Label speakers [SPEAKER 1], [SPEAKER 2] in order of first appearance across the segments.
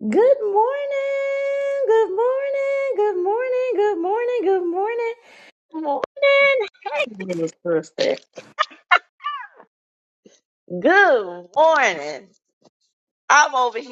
[SPEAKER 1] Good morning, good morning, good morning, good morning, good morning. Good morning. Jesus, sister. Good.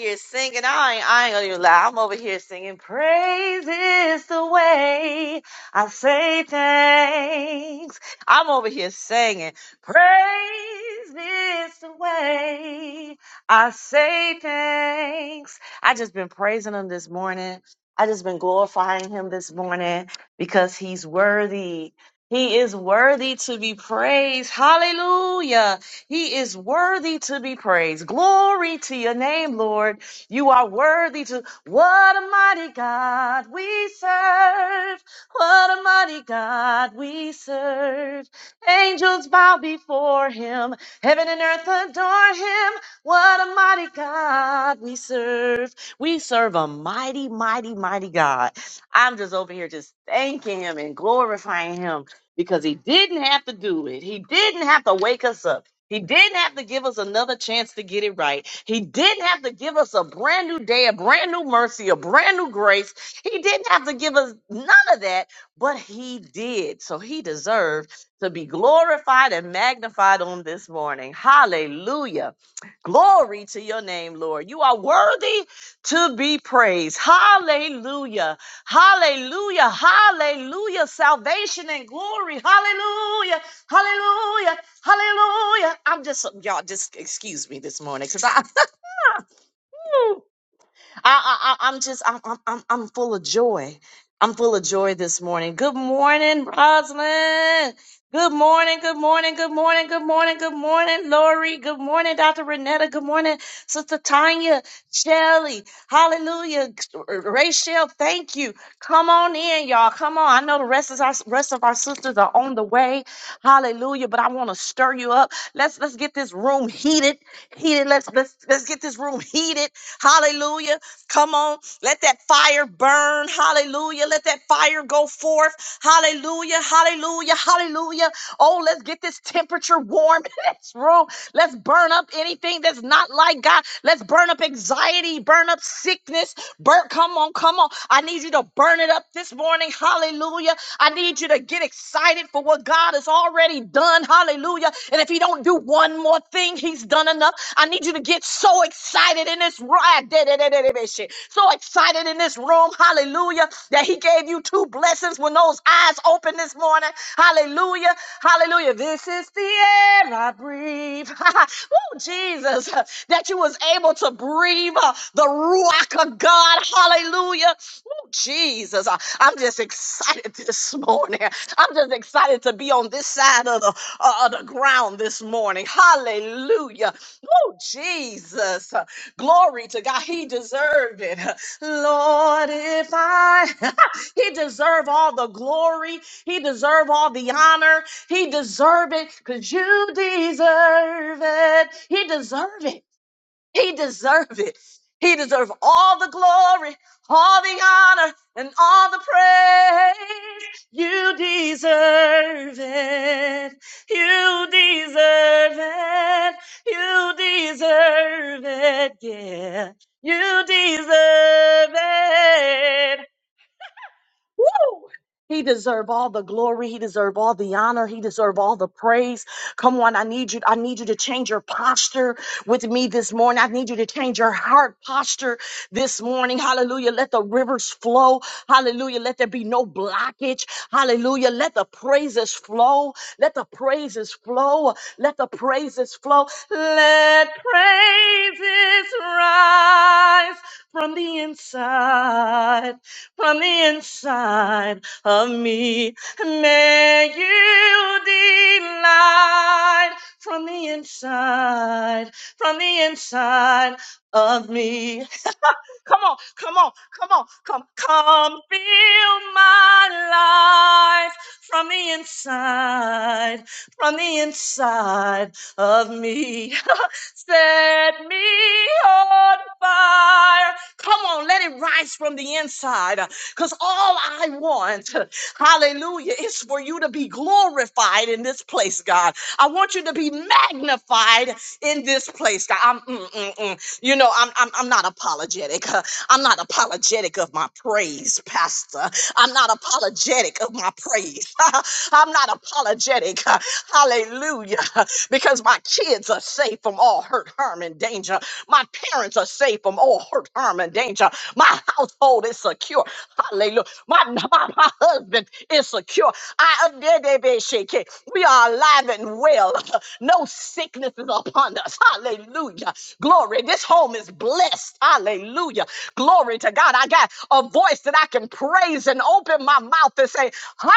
[SPEAKER 1] here singing. I ain't, I ain't gonna even lie. I'm over here singing. Praise is the way I say thanks. I'm over here singing. Praise is the way I say thanks. I just been praising him this morning. I just been glorifying him this morning because he's worthy. He is worthy to be praised. Hallelujah. He is worthy to be praised. Glory to your name, Lord. You are worthy to. What a mighty God we serve. What a mighty God we serve. Angels bow before him. Heaven and earth adore him. What a mighty God we serve. We serve a mighty, mighty, mighty God. I'm just over here just thanking him and glorifying him because he didn't have to do it. He didn't have to wake us up. He didn't have to give us another chance to get it right. He didn't have to give us a brand new day, a brand new mercy, a brand new grace. He didn't have to give us none of that, but he did. So he deserved to be glorified and magnified on this morning. Hallelujah. Glory to your name, Lord. You are worthy to be praised. Hallelujah. Hallelujah. Hallelujah. Salvation and glory. Hallelujah Hallelujah. Hallelujah. I'm just, y'all, just excuse me this morning because I, I, I, I- I'm just, I'm, I'm, I'm I'm full of joy. I'm full of joy this morning. Good morning, Rosalind. Good morning, good morning, good morning, good morning, good morning, Lori. Good morning, Dr. Renetta. Good morning, Sister Tanya, Shelly. Hallelujah. Rachel, thank you. Come on in, y'all. Come on. I know the rest of our rest of our sisters are on the way. Hallelujah. But I want to stir you up. Let's let's get this room heated. Heated. Let's let's let's get this room heated. Hallelujah. Come on, let that fire burn. Hallelujah. Let that fire go forth. Hallelujah. Hallelujah. Hallelujah. Oh, let's get this temperature warm in this room. Let's burn up anything that's not like God. Let's burn up anxiety, burn up sickness, Bert, come on, come on. I need you to burn it up this morning. Hallelujah. I need you to get excited for what God has already done. Hallelujah. And if He don't do one more thing, He's done enough. I need you to get so excited in this ride. So excited praying in this room, hallelujah, that he gave you two blessings when those eyes open this morning, hallelujah, hallelujah. This is the air I breathe, oh Jesus, that you was able to breathe uh, the ruach of God, hallelujah, oh Jesus. Uh, I'm just excited this morning. I'm just excited to be on this side of the, uh, of the ground this morning, hallelujah. Oh Jesus, glory to God. He deserved it. Lord, if I, he deserve all the glory. He deserve all the honor. He deserve it because you deserve it. He deserve it. He deserves it. He deserves all the glory, all the honor, and all the praise. You deserve it. You deserve it. You deserve it. Yeah. You deserve it. Woo! He deserve all the glory. He deserve all the honor. He deserve all the praise. Come on, I need you. I need you to change your posture with me this morning. I need you to change your heart posture this morning. Hallelujah. Let the rivers flow. Hallelujah. Let there be no blockage. Hallelujah. Let the praises flow. Let the praises flow. Let the praises flow. Let praises rise from the inside from the inside of me. May you delight from the inside, from the inside of me. Come on, come on, come on, come, come, build my life from the inside, from the inside of me. Set me on fire. Come on, let it rise from the inside. Because all I want, hallelujah, is for you to be glorified in this place, God. I want you to be magnified in this place, God. I'm, mm, mm, mm. You know, I'm I'm, I'm not apologetic. Uh, I'm not apologetic of my praise, Pastor. I'm not apologetic of my praise. I'm not apologetic. uh, Hallelujah. Because my kids are safe from all hurt, harm, and danger. My parents are safe from all hurt, harm, and danger. My household is secure. Hallelujah. My, my, my husband is secure. I We are alive and well. No sickness is upon us. Hallelujah. Glory. This home is blessed. Hallelujah. Glory to God. I got a voice that I can and praise and open my mouth and say, Hallelujah.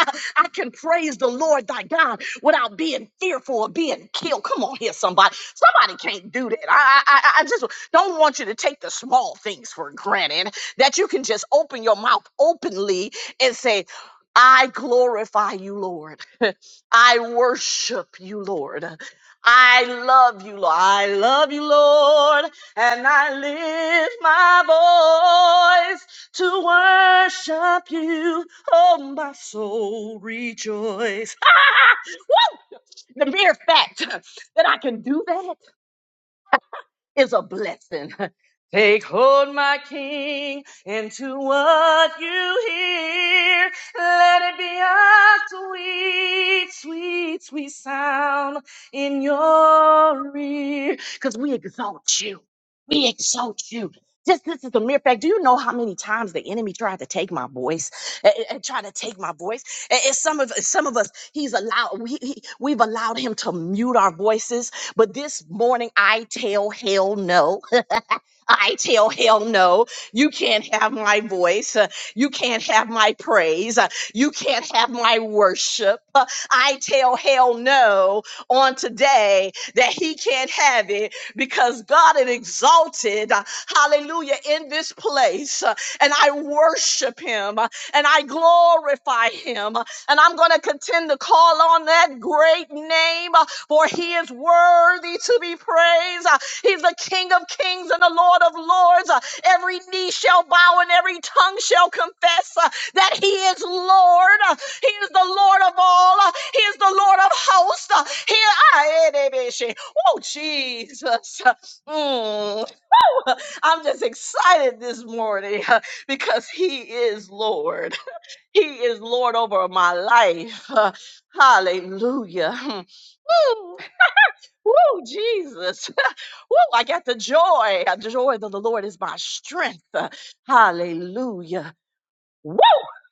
[SPEAKER 1] I can praise the Lord thy God without being fearful of being killed. Come on here, somebody. Somebody can't do that. I, I, I I just don't want you to take the small things for granted that you can just open your mouth openly and say, I glorify you, Lord. I worship you, Lord. I love you, Lord. I love you, Lord and I lift my voice to worship you. Oh, my soul rejoice. Woo! The mere fact that I can do that is a blessing. Take hold, my King, into what you hear. Let it be a sweet, sweet, sweet sound in your ear. Because we exalt you. We exalt you. Just this is a mere fact. Do you know how many times the enemy tried to take my voice? And, try to take my voice. And, and some of some of us, he's allowed. We he, we've allowed him to mute our voices but this morning, I tell hell no. I tell hell no. You can't have my voice. Uh, You can't have my praise. Uh, You can't have my worship. Uh, I tell hell no on today that he can't have it because God is exalted. uh, Hallelujah in this place. Uh, And I worship him uh, and I glorify him. Uh, And I'm going to contend to call on that great name uh, for he is worthy to be praised. Uh, He's the King of kings and the Lord of lords. Uh, Every knee shall bow and every tongue shall confess uh, that He is Lord. Uh, He is the Lord of all. Uh, He is the Lord of hosts. Uh, He, I, oh, Jesus. Uh, mm. I'm just excited this morning uh, because He is Lord. He is Lord over my life. Uh, Hallelujah. Mm. Woo, Jesus. Woo, I got the joy. The joy of the Lord is my strength. Hallelujah.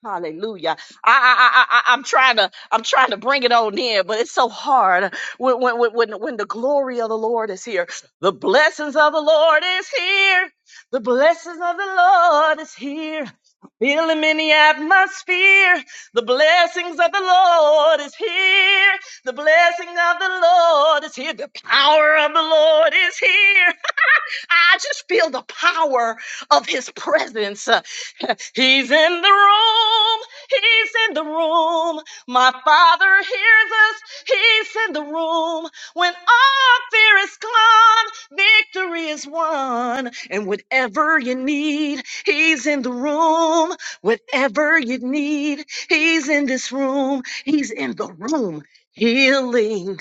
[SPEAKER 1] Hallelujah. I, I, I, I, I'm trying to, I'm trying to bring it on in, but it's so hard when, when, when, when when the glory of the Lord is here. The blessings of the Lord is here. The blessings of the Lord is here. Feel him in the atmosphere. The blessings of the Lord is here. The blessing of the Lord is here. The power of the Lord is here. I just feel the power of his presence. Uh, He's in the room. He's in the room. My father hears us. He's in the room. When all fear is gone, victory is won. And whatever you need, he's in the room. Whatever you need, he's in this room. He's in the room. Healing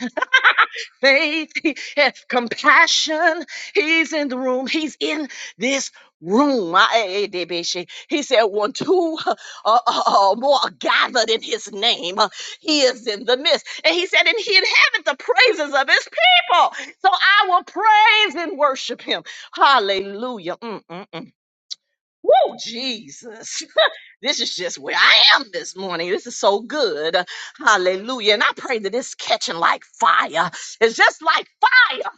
[SPEAKER 1] faith, he has compassion. He's in the room. He's in this room. My eh, eh, He said, when two uh, uh, uh, more are gathered in his name, uh, he is in the midst. And he said, and he inhabits the praises of his people. So I will praise and worship him. Hallelujah. Mm, mm, mm. Woo, Jesus. this is just where I am this morning. This is so good. Hallelujah. And I pray that it's catching like fire. It's just like fire.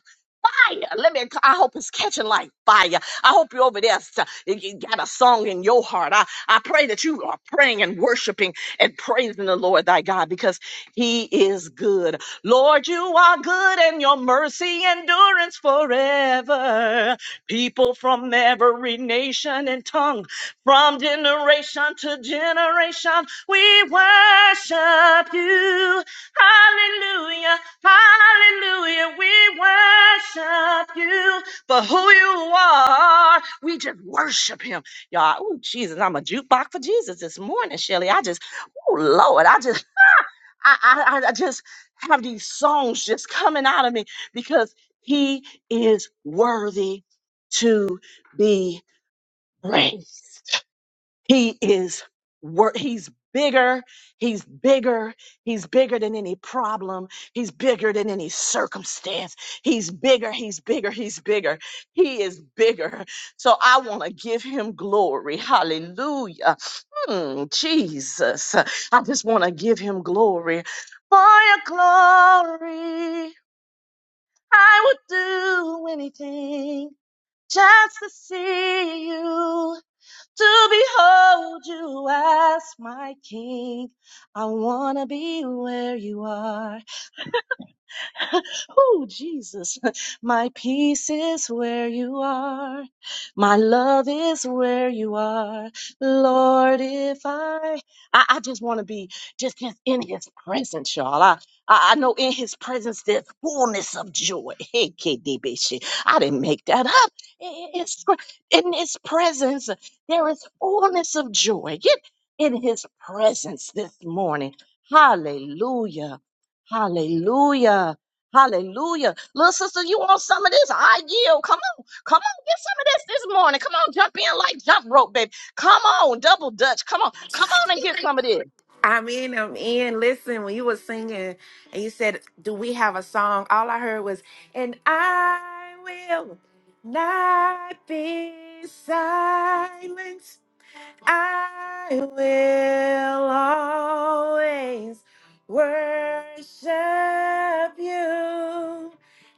[SPEAKER 1] Fire. Let me. I hope it's catching like fire. I hope you're over there. so- You you got a song in your heart. I, I pray that you are praying and worshiping and praising the Lord thy God because he is good. Lord, you are good and your mercy endurance forever people from every nation and tongue, from generation to generation. We worship you. Hallelujah. Hallelujah. We worship you for who you are. We just worship him. Y'all, oh, Jesus, I'm a jukebox for Jesus this morning, Shelly. I just, oh, Lord, I just I, I, I just have these songs just coming out of me because he is worthy to be praised. He is work. He's bigger. He's bigger. He's bigger than any problem. He's bigger than any circumstance. He's bigger. He's bigger. He's bigger. He is bigger. So I want to give him glory. Hallelujah. Hmm, Jesus. I just want to give him glory. For your glory, I would do anything just to see you to behold you as my king. I wanna be where you are. Oh, Jesus, my peace is where you are. My love is where you are. Lord, if I, I, I just want to be just, just in his presence, y'all. I, I I know in his presence there's fullness of joy. Hey, KDB shit. I didn't make that up. I- I- It's, cr- in his presence, there is fullness of joy. Get in his presence this morning. Hallelujah. Hallelujah. Hallelujah. Little sister, you want some of this? I yield. Come on. Come on. Get some of this this morning. Come on. Jump in like jump rope, baby. Come on. Double dutch. Come on. Come on and get some of this.
[SPEAKER 2] I'm in, I'm in. Listen, when you were singing and you said, Do we have a song? All I heard was, And I will not be silent. I will always worship you.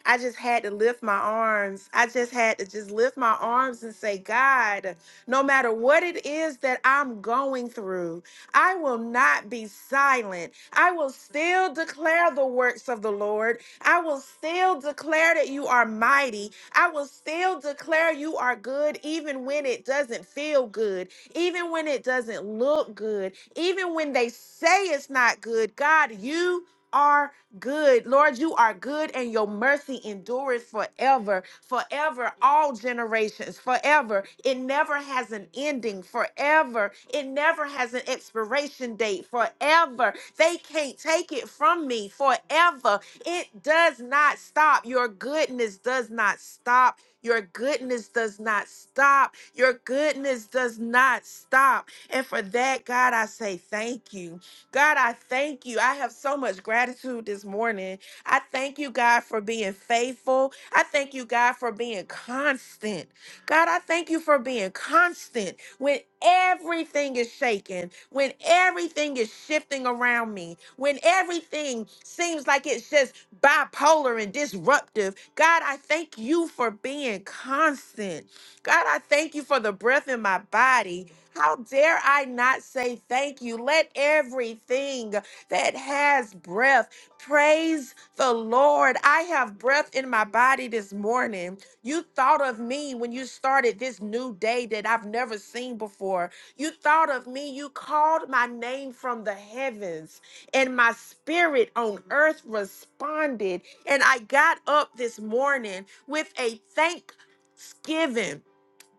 [SPEAKER 2] I just had to lift my arms. I just had to just lift my arms and say, God, no matter what it is that I'm going through, I will not be silent. I will still declare the works of the Lord. I will still declare that you are mighty. I will still declare you are good, even when it doesn't feel good even when it doesn't look good, even when they say it's not good, God, you are good. Lord, you are good and your mercy endures forever, forever, all generations, forever. It never has an ending, forever. It never has an expiration date, forever. They can't take it from me, forever. It does not stop. Your goodness does not stop your goodness does not stop. Your goodness does not stop. And for that, God, I say thank you. God, I thank you. I have so much gratitude this morning. I thank you, God, for being faithful. I thank you, God, for being constant. God, I thank you for being constant when everything is shaking, when everything is shifting around me, when everything seems like it's just bipolar and disruptive. God, I thank you for being constant. God, I thank you for the breath in my body. How dare I not say thank you? Let everything that has breath praise the Lord. I have breath in my body this morning. You thought of me when you started this new day that I've never seen before. You thought of me. You called my name from the heavens and my spirit on earth responded. And I got up this morning with a thanksgiving.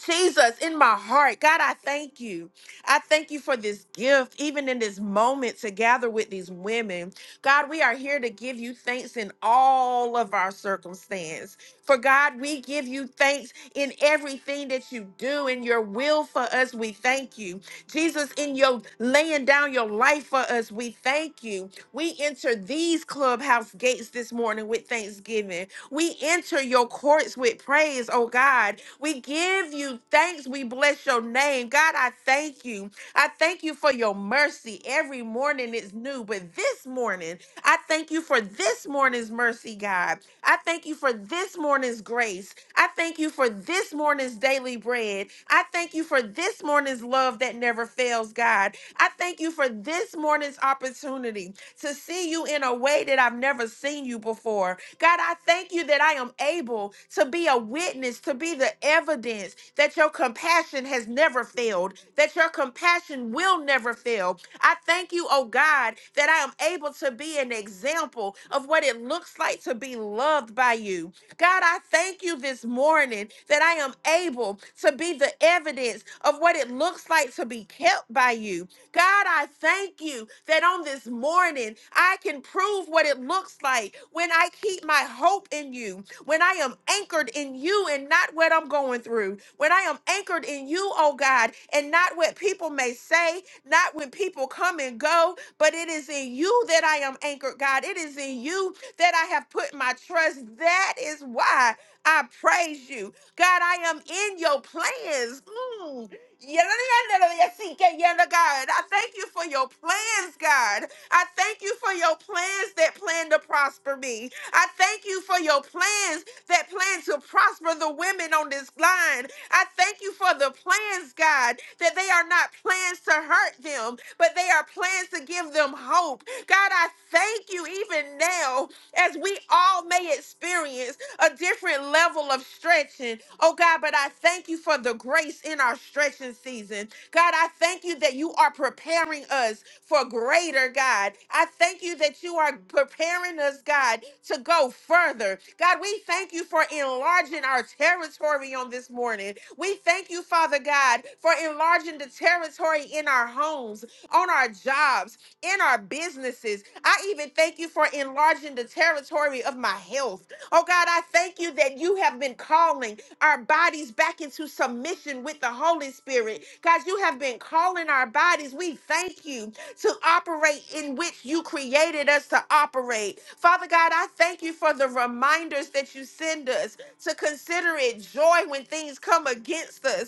[SPEAKER 2] Jesus, in my heart, God, I thank you. I thank you for this gift, even in this moment to gather with these women. God, we are here to give you thanks in all of our circumstance. For God, we give you thanks in everything that you do, in your will for us, we thank you. Jesus, in your laying down your life for us, we thank you. We enter these clubhouse gates this morning with thanksgiving. We enter your courts with praise, oh God. We give you thanks. We bless your name. God, I thank you. I thank you for your mercy. Every morning is new, but this morning, I thank you for this morning's mercy, God. I thank you for this morning's grace. I thank you for this morning's daily bread. I thank you for this morning's love that never fails, God. I thank you for this morning's opportunity to see you in a way that I've never seen you before. God, I thank you that I am able to be a witness, to be the evidence that your compassion has never failed, that your compassion will never fail. I thank you, oh God, that I am able to be an example of what it looks like to be loved by you. God, I thank you this morning that I am able to be the evidence of what it looks like to be kept by you. God, I thank you that on this morning I can prove what it looks like when I keep my hope in you, when I am anchored in you and not what I'm going through, when I am anchored in you, oh God, and not what people may say, not when people come and go, but it is in you that I am anchored, God. It is in you that I have put my trust. That is why I praise you. God, I am in your plans. Mm. Yadadadadadadayasikeyana, God. I thank you for your plans, God. I thank you for your plans that plan to prosper me. I thank you for your plans that plan to prosper the women on this line. I thank you for the plans, God, that they are not plans to hurt them, but they are plans to give them hope. God, I thank you even now as we all may experience a different level of stretching. Oh God, but I thank you for the grace in our stretching season. God, I thank you that you are preparing us for greater, God. I thank you that you are preparing us, God, to go further. God, we thank you for enlarging our territory on this morning. We thank you, Father God, for enlarging the territory in our homes, on our jobs, in our businesses. I even thank you for enlarging the territory of my health. Oh God, I thank you that you have been calling our bodies back into submission with the Holy Spirit. God, you have been calling our bodies. We thank you to operate in which you created us to operate. Father God, I thank you for the reminders that you send us to consider it joy when things come against us.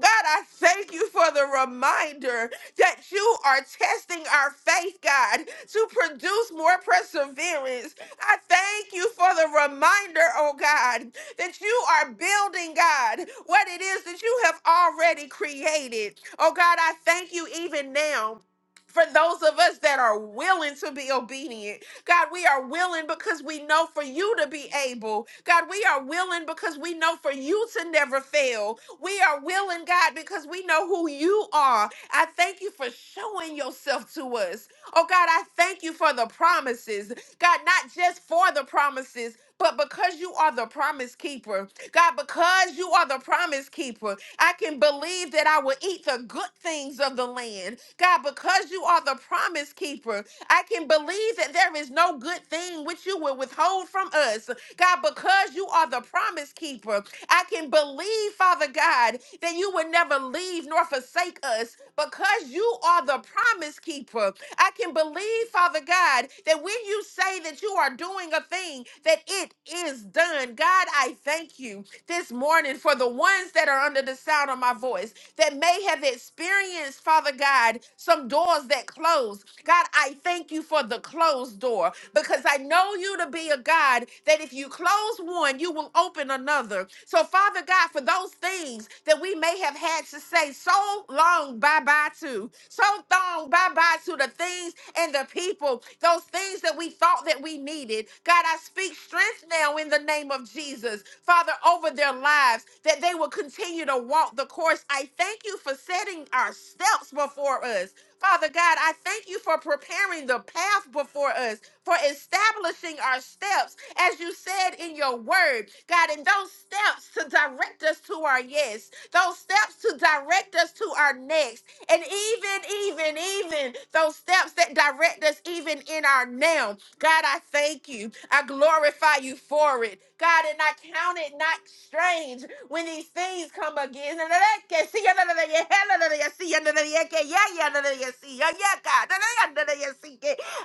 [SPEAKER 2] God, I thank you for the reminder that you are testing our faith, God, to produce more perseverance. I thank you for the reminder, oh God, that you are building, God, what it is that you have already created. Oh God, I thank you even now. For those of us that are willing to be obedient, God, we are willing because we know for you to be able. God, we are willing because we know for you to never fail. We are willing, God, because we know who you are. I thank you for showing yourself to us. Oh, God, I thank you for the promises. God, not just for the promises, but because you are the promise keeper. God, because you are the promise keeper, I can believe that I will eat the good things of the land. God, because you are the promise keeper, I can believe that there is no good thing which you will withhold from us. God, because you are the promise keeper, I can believe, Father God, that you would never leave nor forsake us because you are the promise keeper. I can believe, Father God, that when you say that you are doing a thing, that it is done. God, I thank you this morning for the ones that are under the sound of my voice that may have experienced, Father God, some doors that close. God, I thank you for the close closed door because I know you to be a God that if you close one, you will open another. So, Father God, for those things that we may have had to say so long bye bye to, so long bye bye to the things and the people, those things that we thought that we needed. God, I speak strength now in the name of Jesus, Father, over their lives, that they will continue to walk the course. I thank you for setting our steps before us. Father God, I thank you for preparing the path before us, for establishing our steps, as you said in your word, God, and those steps to direct us to our yes, those steps to direct us to our next. And even, even, even those steps that direct us, even in our now. God, I thank you. I glorify you for it. God, and I count it not strange when these things come again. I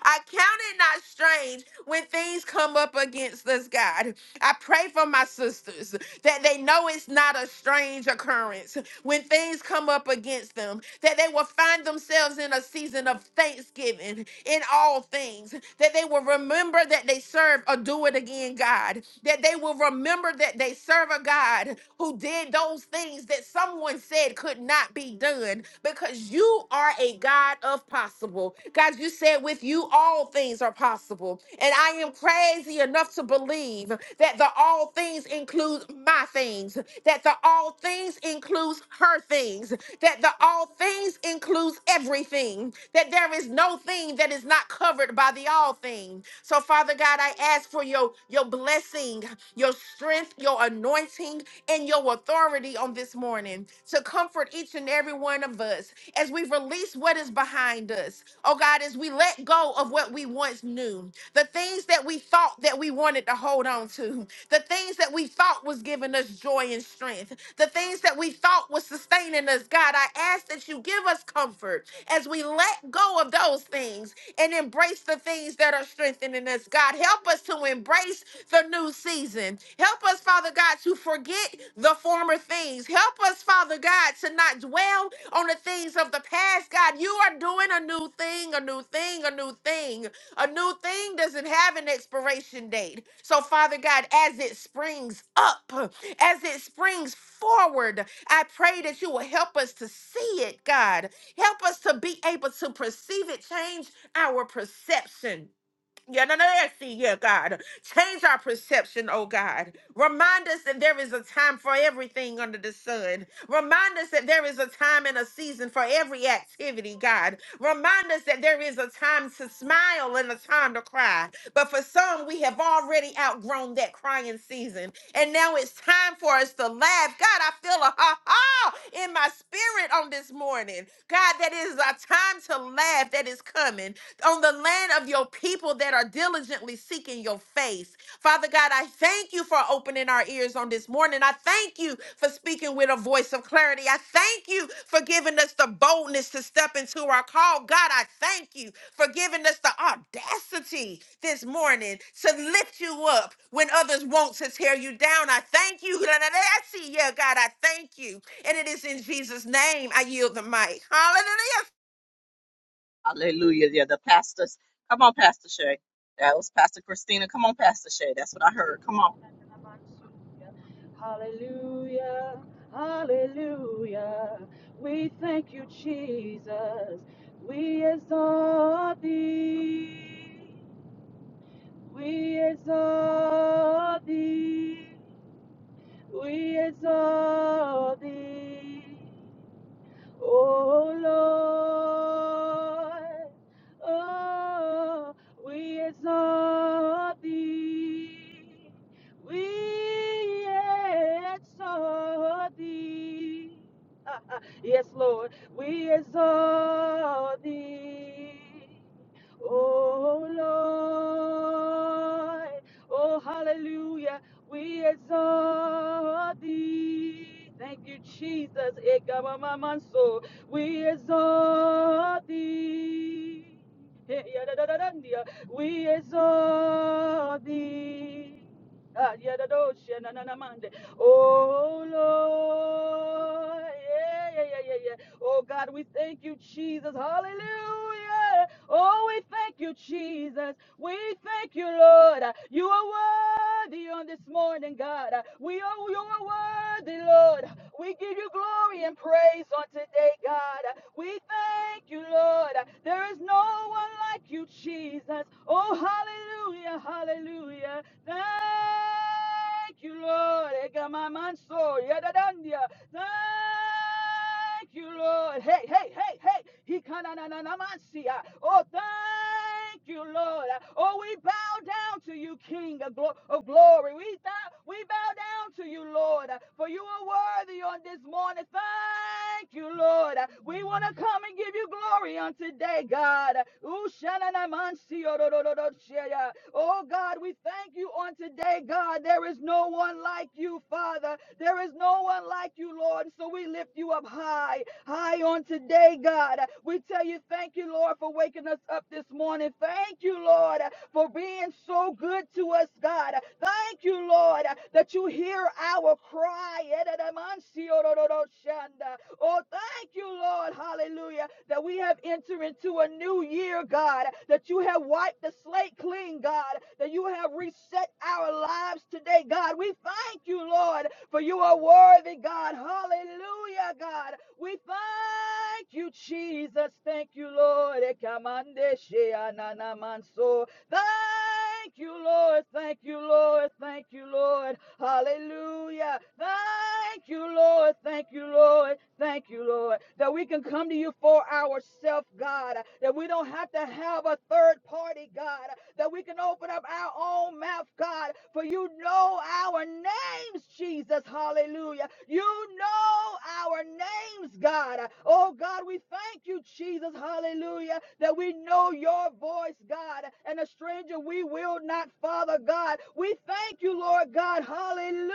[SPEAKER 2] count it not strange when things come up against us, God. I pray for my sisters that they know it's not a strange occurrence when things come up against them, that they will find themselves in a season of thanksgiving in all things, that they will remember that they serve a do it again God, that they will remember that they serve a God who did those things that someone said it could not be done because you are a God of possible. God, you said with you all things are possible. And I am crazy enough to believe that the all things includes my things, that the all things includes her things, that the all things includes everything, that there is no thing that is not covered by the all thing. So Father God, I ask for your your blessing, your strength, your anointing, and your authority on this morning to comfort each and every one of us as we release what is behind us. Oh God, as we let go of what we once knew, the things that we thought that we wanted to hold on to, the things that we thought was giving us joy and strength, the things that we thought was sustaining us, God. I ask that you give us comfort as we let go of those things and embrace the things that are strengthening us, God. Help us to embrace the new season. Help us, Father God, to forget the former things. Help us, Father God, to not dwell on the things of the past, God. You are doing a new thing, a new thing, a new thing. A new thing doesn't have an expiration date. So, Father God, as it springs up, as it springs forward, I pray that you will help us to see it, God. Help us to be able to perceive it, change our perception. Yeah, no, no, no, see, yeah, God. Change our perception, oh God. Remind us that there is a time for everything under the sun. Remind us that there is a time and a season for every activity, God. Remind us that there is a time to smile and a time to cry. But for some, we have already outgrown that crying season. And now it's time for us to laugh. God, I feel a ha ha in my spirit on this morning. God, that is a time to laugh that is coming on the land of your people that are diligently seeking your face. Father God, I thank you for opening our ears on this morning. I thank you for speaking with a voice of clarity. I thank you for giving us the boldness to step into our call. God, I thank you for giving us the audacity this morning to lift you up when others want to tear you down. I thank you. Yeah, God, I thank you. And it is in Jesus' name I yield the mic. Hallelujah.
[SPEAKER 1] Hallelujah. Yeah, the pastors.
[SPEAKER 3] Hallelujah, hallelujah. We thank you, Jesus. We exalt thee. We exalt thee. We exalt thee. Oh Lord, oh, we exalt thee. We exalt thee. yes, Lord, we exalt thee. Oh Lord, oh hallelujah, we exalt thee. Thank you, Jesus. Ekabamamanso. We exalt thee. Eh, yadadadadandia. We exalt thee. Ah, yadadoshe nananamande. Oh Lord, yeah, yeah, yeah, yeah, yeah. Oh God, we thank you, Jesus. Hallelujah. Oh, we thank you, Jesus. We thank you, Lord. You are worthy on this morning, God. We are you are worthy, Lord. We give you glory and praise on today, God. We thank you, Lord. There is no one like you, Jesus. Oh, hallelujah, hallelujah. Thank you, Lord. Ega mamanso, yadadandia. Thank you, Lord. Hey, hey, hey, hey. He kanananamansia. Oh, thank you, Lord. Oh, we bow down to you, King of, glo- of glory. We, th- we bow down to you, Lord, for you are worthy on this morning. Thank you, Lord. We want to come and give you glory glory on today, God. Oh, God, we thank you on today, God. There is no one like you, Father. There is no one like you, Lord. So we lift you up high, high on today, God. We tell you, thank you, Lord, for waking us up this morning. Thank you, Lord for being so good to us, God. Thank you, Lord, that you hear our cry. Oh, thank you, Lord, hallelujah, that we have entered into a new year, God, that you have wiped the slate clean, God, that you have reset our lives today, God. We thank you, Lord, for you are worthy, God. Hallelujah, God. We thank you, Jesus. Thank you, Lord. Ekamande sheananamanso. Thank you, Lord. Thank you, Lord. Thank you, Lord. Hallelujah. Thank you, Lord. Thank you, Lord. Thank you, Lord. That we can come to you for ourselves, God. That we don't have to have a third party, God. That we can open up our own mouth, God. For you know our names, Jesus. Hallelujah. You know our names, God. Oh, God, we thank you, Jesus. Hallelujah. That we know your voice, God, and a stranger we will not, Father God. We thank you, Lord God. Hallelujah.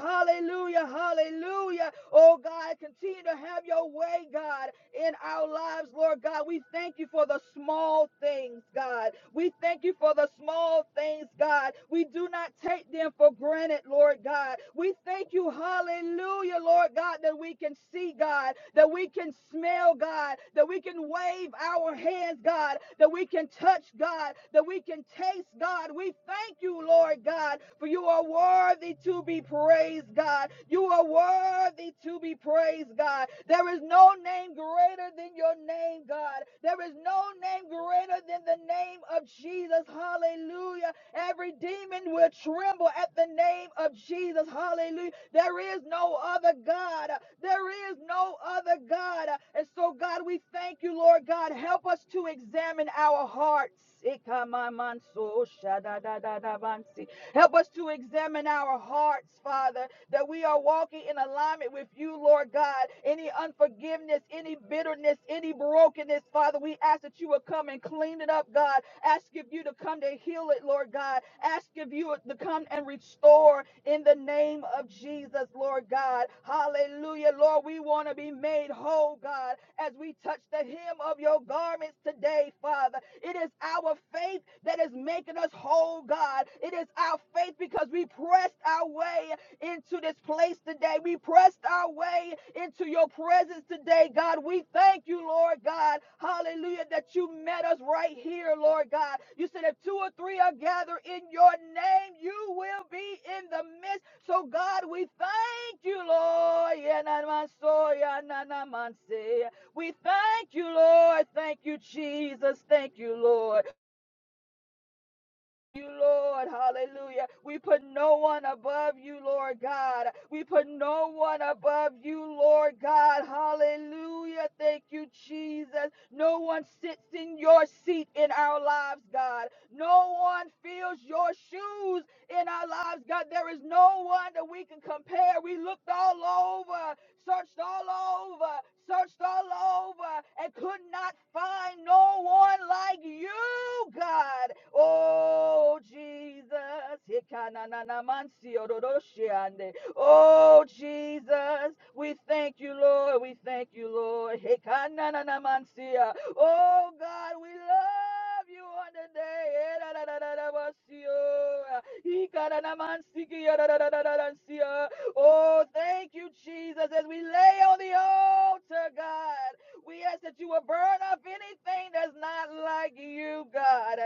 [SPEAKER 3] Hallelujah. Hallelujah. Oh, God, continue to have your way, God, in our lives, Lord God. We thank you for the small things, God. We thank you for the small things, God. We do not take them for granted, Lord God. We thank you, hallelujah, Lord God, that we can see, God, that we can smell, God, that we can wave our hands, God, that we can touch, God, that we can taste, God. We thank you, Lord God, for you are worthy to be praised, God. You are worthy to be praised, God. There is no no name greater than your name, God. There is no name greater than the name of Jesus. Hallelujah. Every demon will tremble at the name of Jesus. Hallelujah. There is no other God. There is no other God. And so, God, we thank you, Lord God. Help us to examine our hearts. Help us to examine our hearts, Father that we are walking in alignment with you, Lord God. Any unforgiveness, any bitterness, any brokenness, Father, we ask that you will come and clean it up, God. Ask of you to come to heal it, Lord God. Ask of you to come and restore in the name of Jesus, Lord God. Hallelujah, Lord. We want to be made whole, God, as we touch the hem of your garments today, Father. It is our faith that is making us whole, God. It is our faith because we pressed our way into this place today. We pressed our way into your presence today, God. We thank you, Lord God. Hallelujah, that you met us right here, Lord God. You said if two or three are gathered in your name, you will be in the midst. So, God, we thank you, Lord. We thank you, Lord. Thank you, Jesus. Thank you, Lord you, Lord. Hallelujah. We put no one above you, Lord God. We put no one above you, Lord God. Hallelujah. Thank you, Jesus. No one sits in your seat in our lives, God. No one feels your shoes in our lives, God. There is no one that we can compare. We looked all over searched all over, searched all over, and could not find no one like you, God. Oh, Jesus. Hikanananamansiyododoshiande. Oh, Jesus. We thank you, Lord. We thank you, Lord. Hikanananamansiya. Oh, God, we love you on the day. Hikanananamansiki. Oh, thank you, Jesus. As we lay on the altar, God, we ask that you will burn up anything that's not like you, God.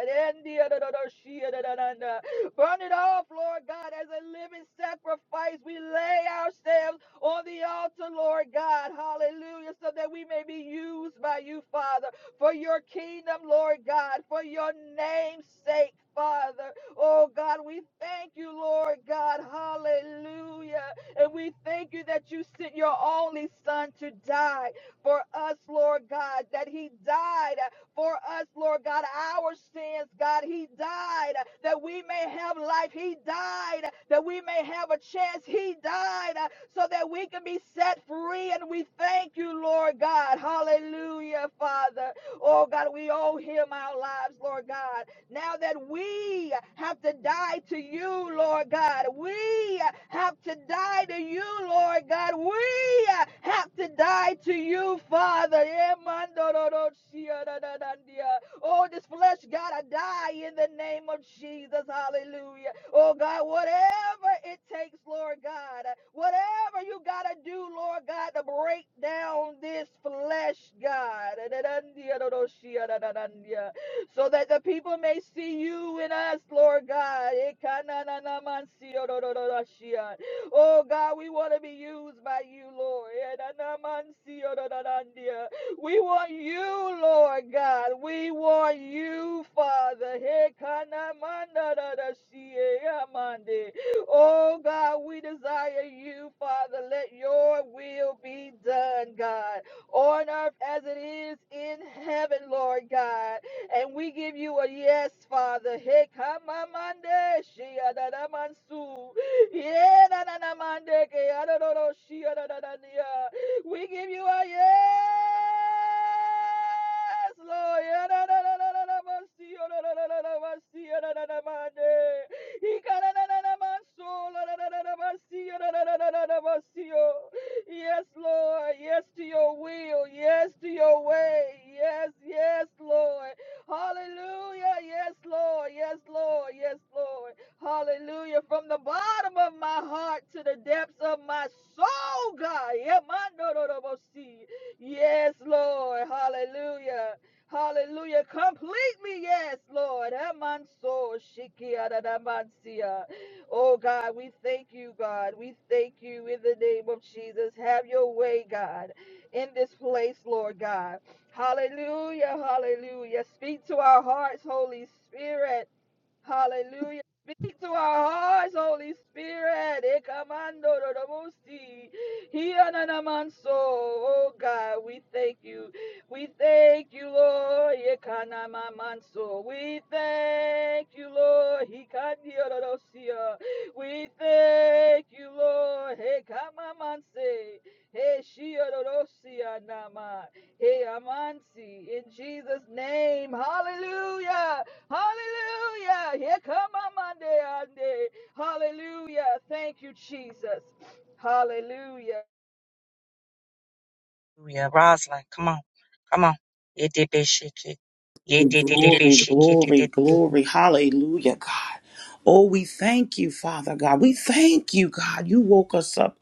[SPEAKER 3] Burn it off, Lord God, as a living sacrifice. We lay ourselves on the altar, Lord God. Hallelujah. So that we may be used by you, Father, for your kingdom, Lord God, for your name's sake, Father. Oh God, we thank you, Lord God. Hallelujah. And we thank you that you sent your only son to die for us, Lord God, that he died for us, Lord God, our sins, God. He died that we may have life. He died that we may have a chance. He died so that we can be set free. And we thank you, Lord God. Hallelujah, Father. Oh, God, we owe him our lives, Lord God. Now that we have to die to you, Lord God, we have to die to you, Lord God, we have to die to you, Father. Oh, this flesh gotta die in the name of Jesus. Hallelujah. Oh God, whatever it takes, Lord God, whatever you gotta do, Lord God, to break down this flesh, God so that the people may see you in us, Lord God. Oh God, we want to be used by you, Lord. We want you, Lord God. We want you, Father. Oh God, we desire you, Father. Let your will be done, God, on earth as it is in heaven, Lord God. And we give you a yes, Father. Hey, come on, Monday. She adada mansu. Yeah, na na na Monday. Ke adadoro she adadadania. We give you a yes, Lord. Yeah, na na na na na na mansi. Oh, na na na na na mansi. Oh, na na na Monday. Ika na na na na manso. La na na na na mansi. Oh, na na na na na na mansi. Oh. Yes, Lord. Yes to your will. Yes to your way. Yes, yes, Lord. Hallelujah. Yes, Lord. Yes, Lord. Yes, Lord. Hallelujah. From the bottom of my heart to the depths of my soul, God. Yeah, my no, no, no, no, see. Yes, Lord. Hallelujah. Hallelujah. Complete me. Yes, Lord. Eh, man, so, shiki, ah, da, da, man, see, ah. Oh, God, we thank you, God. We thank you in the name of Jesus. Have your way, God, in this place, Lord God. Hallelujah, hallelujah. Speak to our hearts, Holy Spirit. Hallelujah. Speak to our hearts, Holy Spirit. Ekamando dorobosi. Hiananamanso. Oh God, we thank you. We thank you, Lord. Yekanamamanso. We thank you, Lord. Hikandiodorosia. We thank you, Lord. Hekamamanse. Heshiodorosia nama. Heamansi. In Jesus' name. Hallelujah. Hallelujah. Here come my Monday, Monday. Hallelujah. Thank you, Jesus. Hallelujah.
[SPEAKER 1] Hallelujah. Rosalind, come on. Come on.
[SPEAKER 4] Glory, glory, glory. Hallelujah, God. Oh, we thank you, Father God. We thank you, God. You woke us up,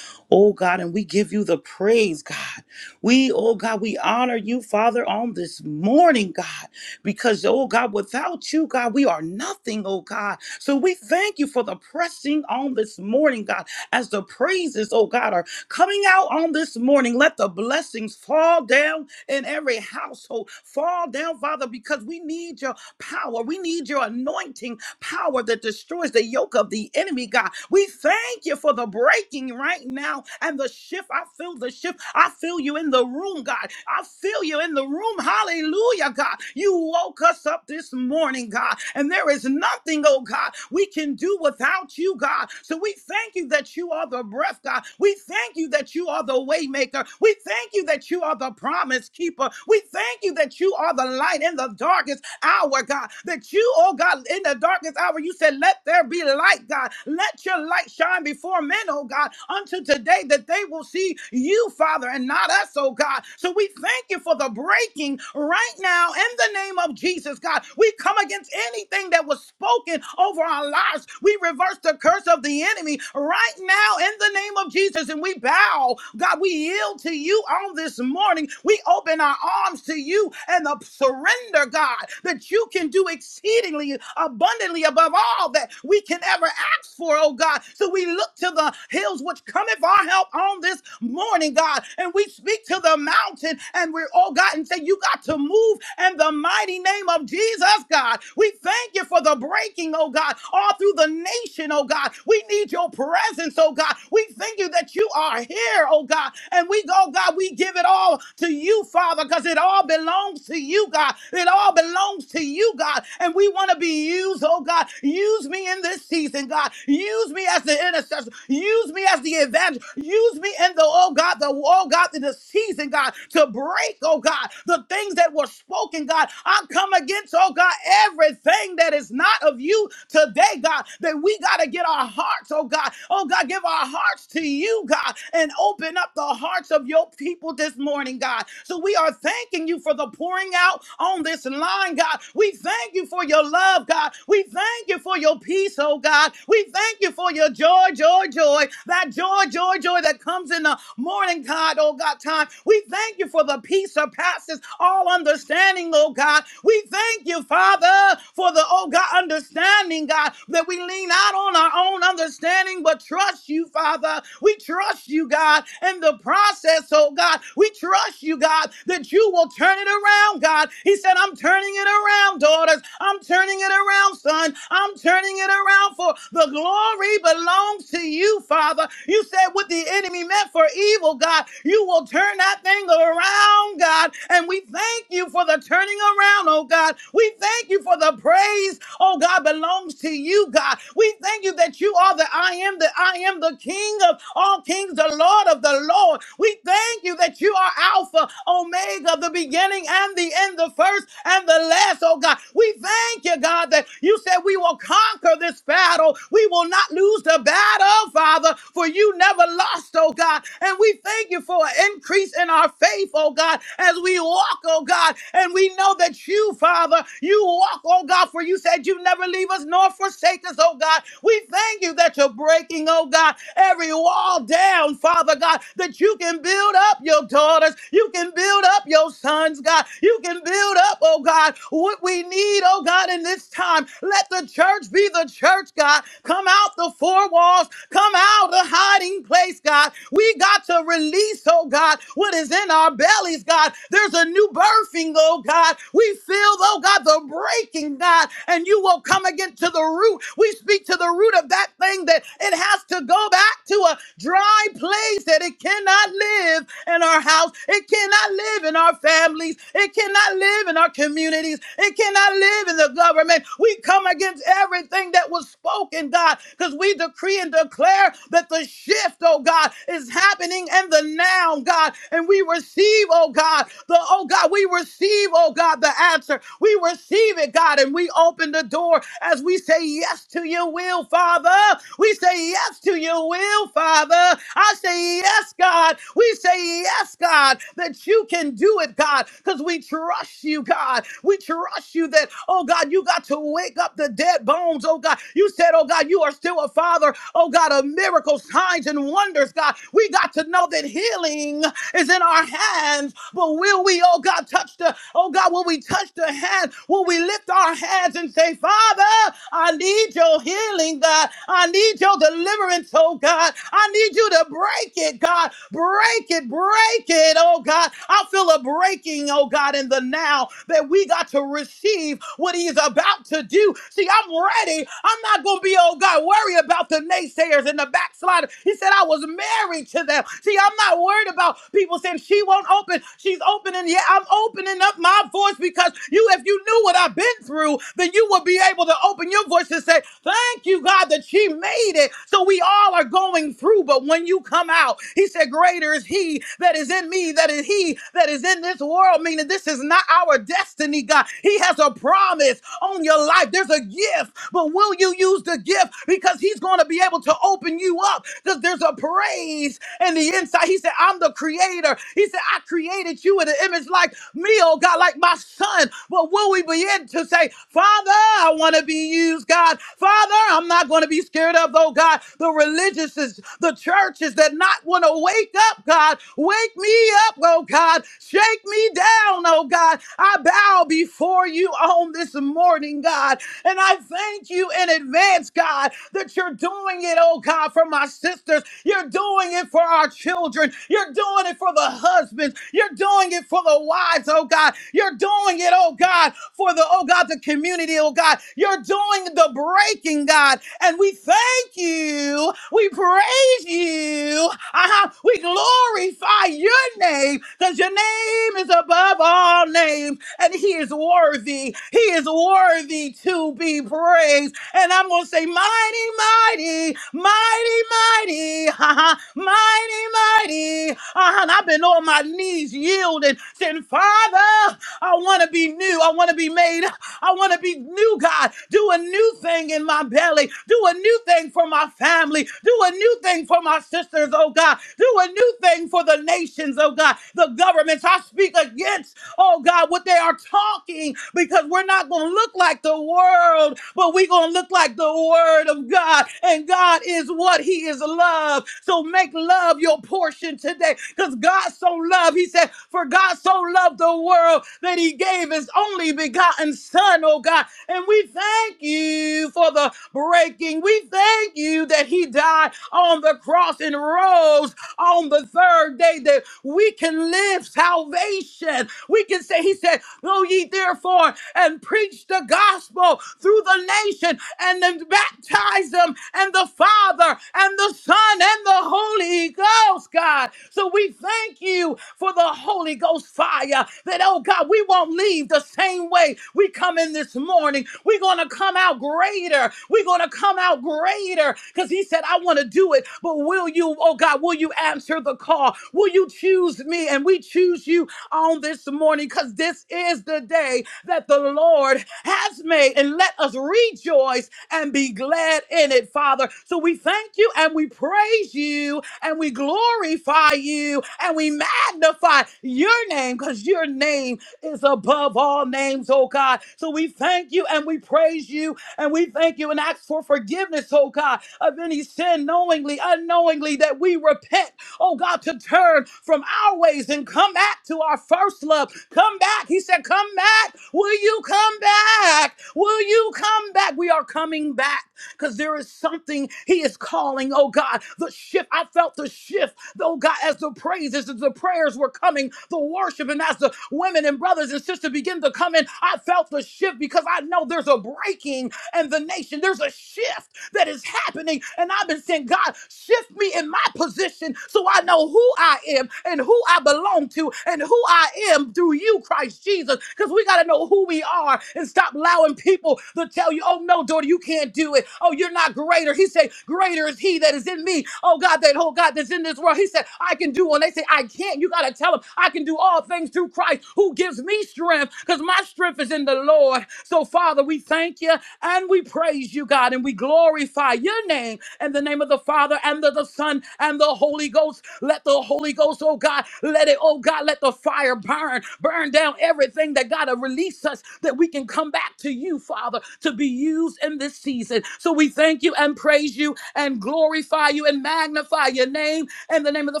[SPEAKER 4] oh God, and we give you the praise, God. We, oh God, we honor you, Father, on this morning, God, because, oh God, without you, God, we are nothing, oh God. So we thank you for the pressing on this morning, God, as the praises, oh God, are coming out on this morning. Let the blessings fall down in every household. Fall down, Father, because we need your power. We need your anointing power that destroys the yoke of the enemy, God. We thank you for the breaking right now and the shift. I feel the shift. I feel you in the room, God. I feel you in the room. Hallelujah, God. You woke us up this morning, God, and there is nothing, oh God, we can do without you, God. So we thank you that you are the breath, God. We thank you that you are the way maker. We thank you that you are the promise keeper. We thank you that you are the light in the darkest hour, God. That you, oh God, in the darkest hour, you said, Let there be light, God. Let your light shine before men, oh God, unto today that they will see you, Father, and not us, oh God. So we thank you for the breaking right now in the name of Jesus, God. We come against anything that was spoken over our lives. We reverse the curse of the enemy enemy right now in the name of Jesus. And we bow, God, we yield to you on this morning. We open our arms to you and the surrender, God, that you can do exceedingly abundantly above all that we can ever ask for, oh God. So we look to the hills which cometh our help on this morning, God. And we speak to the mountain and we're, oh God, and say, You got to move in the mighty name of Jesus, God. We thank you for the breaking, oh God, all through the nation visitation, oh God. We need your presence, oh God. We thank you that you are here, oh God. And we go, God, we give it all to you, Father, because it all belongs to you, God. It all belongs to you, God. And we want to be used, oh God. Use me in this season, God. Use me as the intercessor. Use me as the evangelist. Use me in the, oh God, the, oh God, in the season, God, to break, oh God, the things that were spoken, God. I come against, oh God, everything that is not of you today, God, that we got to get our hearts, oh God, oh God, give our hearts to you, God, and open up the hearts of your people this morning, God. So we are thanking you for the pouring out on this line, God. We thank you for your love, God. We thank you for your peace, oh God. We thank you for your joy, joy, joy, that joy, joy, joy that comes in the morning, God, oh God, time. We thank you for the peace that passes all understanding, oh God. We thank you, Father, for the oh God, understanding, God, that we lean out on our own understanding, but trust you, Father. We trust you, God, in the process, oh God. We trust you, God, that you will turn it around, God. He said, I'm turning it around, daughters. I'm turning it around, son. I'm turning it around for the glory belongs to you, Father. You said what the enemy meant for evil, God, you will turn that thing around, God. And we thank you for the turning around, oh God. We we thank you for the praise, oh God, belongs to you, God. We thank you that you are the I am, that I am the King of all kings, the Lord of the Lord. We thank you that you are Alpha, Omega, the beginning and the end, the first and the last, oh God. We thank you, God, that you said we will conquer this battle. We will not lose the battle, Father, for you never lost, oh God. And we thank you for an increase in our faith, oh God, as we walk, oh God, and we know know that you, Father, you walk, oh God, for you said you never leave us nor forsake us, oh God. We thank you that you're breaking, oh God, every wall down, Father God, that you can build up your daughters, you can build up your sons, God, you can build up, oh God, what we need, oh God, in this time. Let the church be the church, God. Come out the four walls, come out the hiding place, God. We got to release, oh God, what is in our bellies, God. There's a new you birthing, oh God. We feel, oh God, the breaking, God, and you will come again to the root. We speak to the root of that thing that it has to go back to a dry place that it cannot live in our house. It cannot live in our families. It cannot live in our communities. It cannot live in the government. We come against everything that was spoken, God, because we decree and declare that the shift, oh God, is happening in the now, God. And we receive, receive, oh God, the, oh God, we receive, oh God, the answer. We receive it, God, and we open the door as we say yes to your will, Father. We say yes to your will, Father. I say yes, God. We say yes, God, that you can do it, God, because we trust you, God. We trust you that, oh God, you got to wake up the dead bones, oh God. You said, oh God, you are still a father, oh God, of miracles, signs, and wonders, God. We got to know that healing is in our hands. But will we, oh God, touch the, oh God, will we touch the hand? Will we lift our hands and say, Father, I need your healing, God. I need your deliverance, oh God. I need you to break it, God. Break it, break it, oh God. I feel a breaking, oh God, in the now that we got to receive what He is about to do. See, I'm ready. I'm not going to be, oh God, worried about the naysayers naysayers and the backsliders. He said, I was married to them. See, I'm not worried about people saying she won't open. She's opening. Yeah, I'm opening up my voice because you, if you knew what I've been through, then you would be able to open your voice and say, Thank you, God, that she made it. So we all are going through, but when you come out, he said, Greater is he that is in me, that is he that is in this world, meaning this is not our destiny, God. He has a promise on your life. There's a gift but will you use the gift? Because he's going to be able to open you up because there's a praise in the inside. He said, I'm the creator. He said, I created you in the image like me, oh God, like my son. But will we begin to say, Father, I want to be used, God. Father, I'm not going to be scared of, oh God, the religious, the churches that not want to wake up, God. Wake me up, oh God. Shake me down, oh God. I bow before you on this morning, God. And I thank you in advance, God, that you're doing it, oh God, for my sisters. You're doing it for our children. You're doing it for the husbands. You're doing it for the wives, oh God. You're doing it, oh God, for the, oh God, the community, oh God. You're doing the breaking, God. And we thank you. We praise you. Uh-huh. We glorify your name because your name is above all names and he is worthy. He is worthy to be praised. And I'm going to say, mighty, mighty, mighty, mighty, uh-huh, mighty, mighty. Uh-huh. And I've been on my knees yielding, saying, Father, I want to be new. I want to be made I want to be new, God. Do a new thing in my belly. Do a new thing for my family. Do a new thing for my sisters, oh God. Do a new thing for the nations, oh God. The governments. I speak against oh God, what they are talking because we're not going to look like the world, but we're going to look like the Word of God. And God is what? He is love. So make love your portion today because God so loved, He said, For God so loved the world that He gave His only begotten Son, oh God. And we thank you for the breaking. We thank you that He died on the cross and rose on the third day that we can live salvation. We can say, He said, Go ye therefore and preach the gospel through the nation and then baptize them and the Father and the Son and the Holy Ghost, God. So we thank thank you for the Holy Ghost fire that, oh God, we won't leave the same way we come in this morning. We're going to come out greater. We're going to come out greater because He said, I want to do it. But will you, oh God, will you answer the call? Will you choose me? And we choose you on this morning because this is the day that the Lord has made. And let us rejoice and be glad in it, Father. So we thank you and we praise you and we glorify you and we magnify your name because your name is above all names, oh God. So we thank you and we praise you and we thank you and ask for forgiveness, oh God, of any sin knowingly, unknowingly that we repent oh God, to turn from our ways and come back to our first love. Come back. He said, Come back. Will you come back? Will you come back? We are coming back because there is something He is calling, oh God, the shift. I felt the shift, oh God, as the praises, as the prayers were coming, the worship, and as the women and brothers and sisters begin to come in, I felt the shift because I know there's a breaking and the nation. There's a shift that is happening. And I've been saying, God, shift me in my position so I know who I am and who I belong to and who I am through you, Christ Jesus. Because we got to know who we are and stop allowing people to tell you, oh, no, daughter, you can't do it. Oh, you're not greater. He said, greater is he that is in me. Oh, God, that whole God that's in this world. He said, I can do. And they say, I can't. You got to tell them, I can do all things through Christ who gives me strength strength because my strength is in the Lord. So, Father, we thank you and we praise you, God, and we glorify your name in the name of the Father and of the Son and the Holy Ghost. Let the Holy Ghost, oh God, let it, oh God, let the fire burn, burn down everything that God to release us that we can come back to you, Father, to be used in this season. So we thank you and praise you and glorify you and magnify your name in the name of the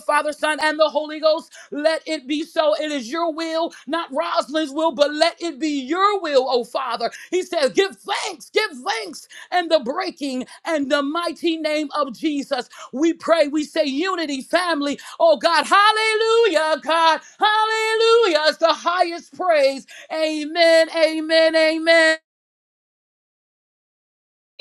[SPEAKER 4] Father, Son, and the Holy Ghost, let it be so. It is your will, not Rosalind's will, but let it be your will, oh Father. He says, Give thanks, give thanks, and the breaking and the mighty name of Jesus. We pray, we say unity, family. Oh God, hallelujah, God, hallelujah is the highest praise. Amen, amen, amen.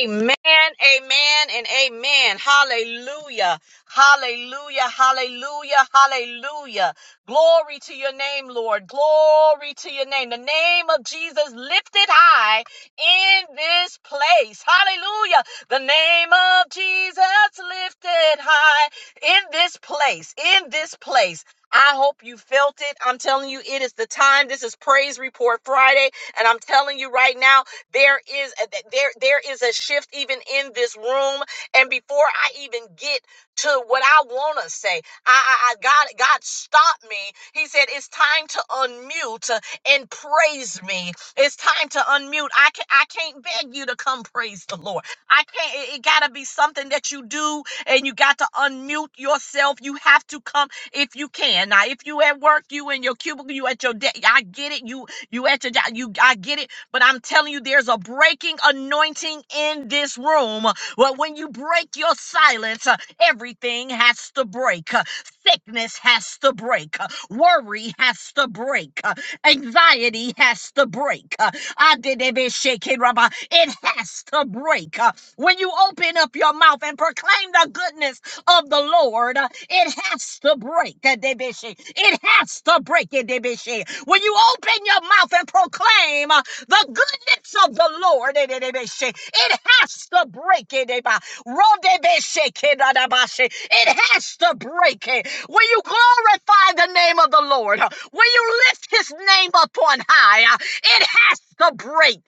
[SPEAKER 1] Amen, amen, and amen. Hallelujah, hallelujah, hallelujah, hallelujah. Glory to your name, Lord. Glory to your name. The name of Jesus lifted high in this place. Hallelujah. The name of Jesus lifted high in this place, in this place. I hope you felt it. I'm telling you, it is the time. This is Praise Report Friday. And I'm telling you right now, there is a, there there is a shift even in this room. And before I even get to what I want to say, I, I, I God God stopped me. He said it's time to unmute uh, and praise me. It's time to unmute. I can I can't beg you to come praise the Lord. I can't. It, it gotta be something that you do, and you got to unmute yourself. You have to come if you can. Now, if you at work, you in your cubicle, you at your desk. I get it. You you at your job. You I get it but I'm telling you, there's a breaking anointing in this room. Well, when you break your silence, uh, everything has to break. Uh, Sickness has to break. Uh, Worry has to break. Uh, Anxiety has to break. Uh, I did a bit shaking, Rabbi. It has to break. Uh, When you open up your mouth and proclaim the goodness of the Lord, uh, it has to break. uh, Debishi. It has to break. uh, Debishi. When you open your mouth and proclaim uh, the goodness of the Lord, eh, eh, eh, eh, say, it has to break it. eh, bah. Rodebeshekedadabashe. It has to break it. Will you glorify the name of the Lord? Will you lift his name up on high? It has to break.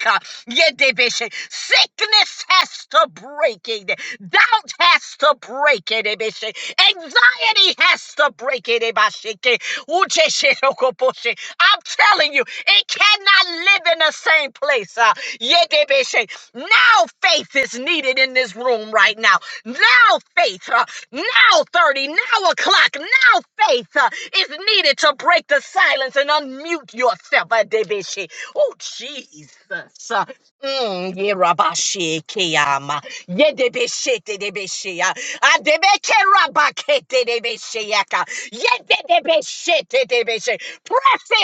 [SPEAKER 1] Yedebeshe. Sickness has to break it. Doubt has to break it. Ebeshe. Anxiety has to break it. Ebasheke. Uchesherokoposhe. I'm telling you, it cannot live in the same place. Uh, Yedebeshe. now faith is needed in this room now. Now faith, uh, now 30, now o'clock, now faith uh, is to break the silence and unmute yourself. Yedebeshe. Oh, Jesus. Uh, Mm, yerabashe keyama. de Uh,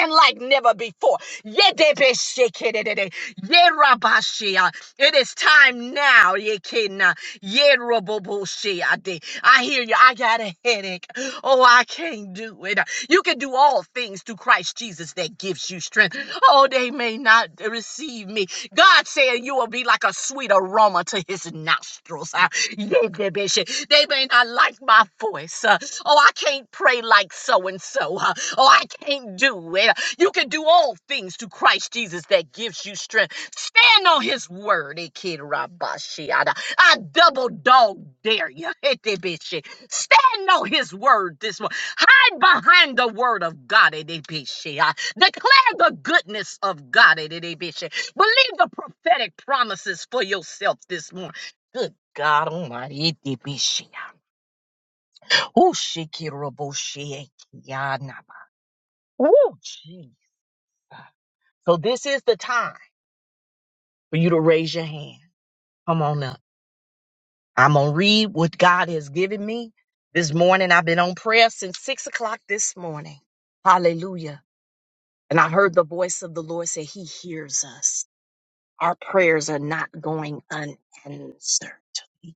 [SPEAKER 1] in like never before. Yedebeshekedede, yerabashea. It is time now. yekena, yerobobosheade. I hear you. I got a headache. Oh, I can't do it. You can do all things through Christ Jesus that gives you strength. Oh, they may not receive me. God saying you will be like a sweet aroma to his nostrils. Ah, yedebeshe. They may not like my voice. uh, Oh, I can't pray like so and so. uh, Oh, I can't do it. You can do all things through Christ Jesus that gives you strength. Stand on his word, Ikid Rabashiada. I double dog dare you. Etebishi. Stand on his word this morning. Hide behind the word of God. Etebishi. Declare the goodness of God. Etebishi. Believe the prophetic promises for yourself this morning. Good God Almighty. Etebishi. Oh, Shikiraboshi. Ekiyanaba. Oh, gee. So this is the time. for you to raise your hand. Come on up. I'm going to read what God has given me this morning. I've been on prayer since six o'clock this morning. Hallelujah. And I heard the voice of the Lord say, He hears us. Our prayers are not going unanswered. He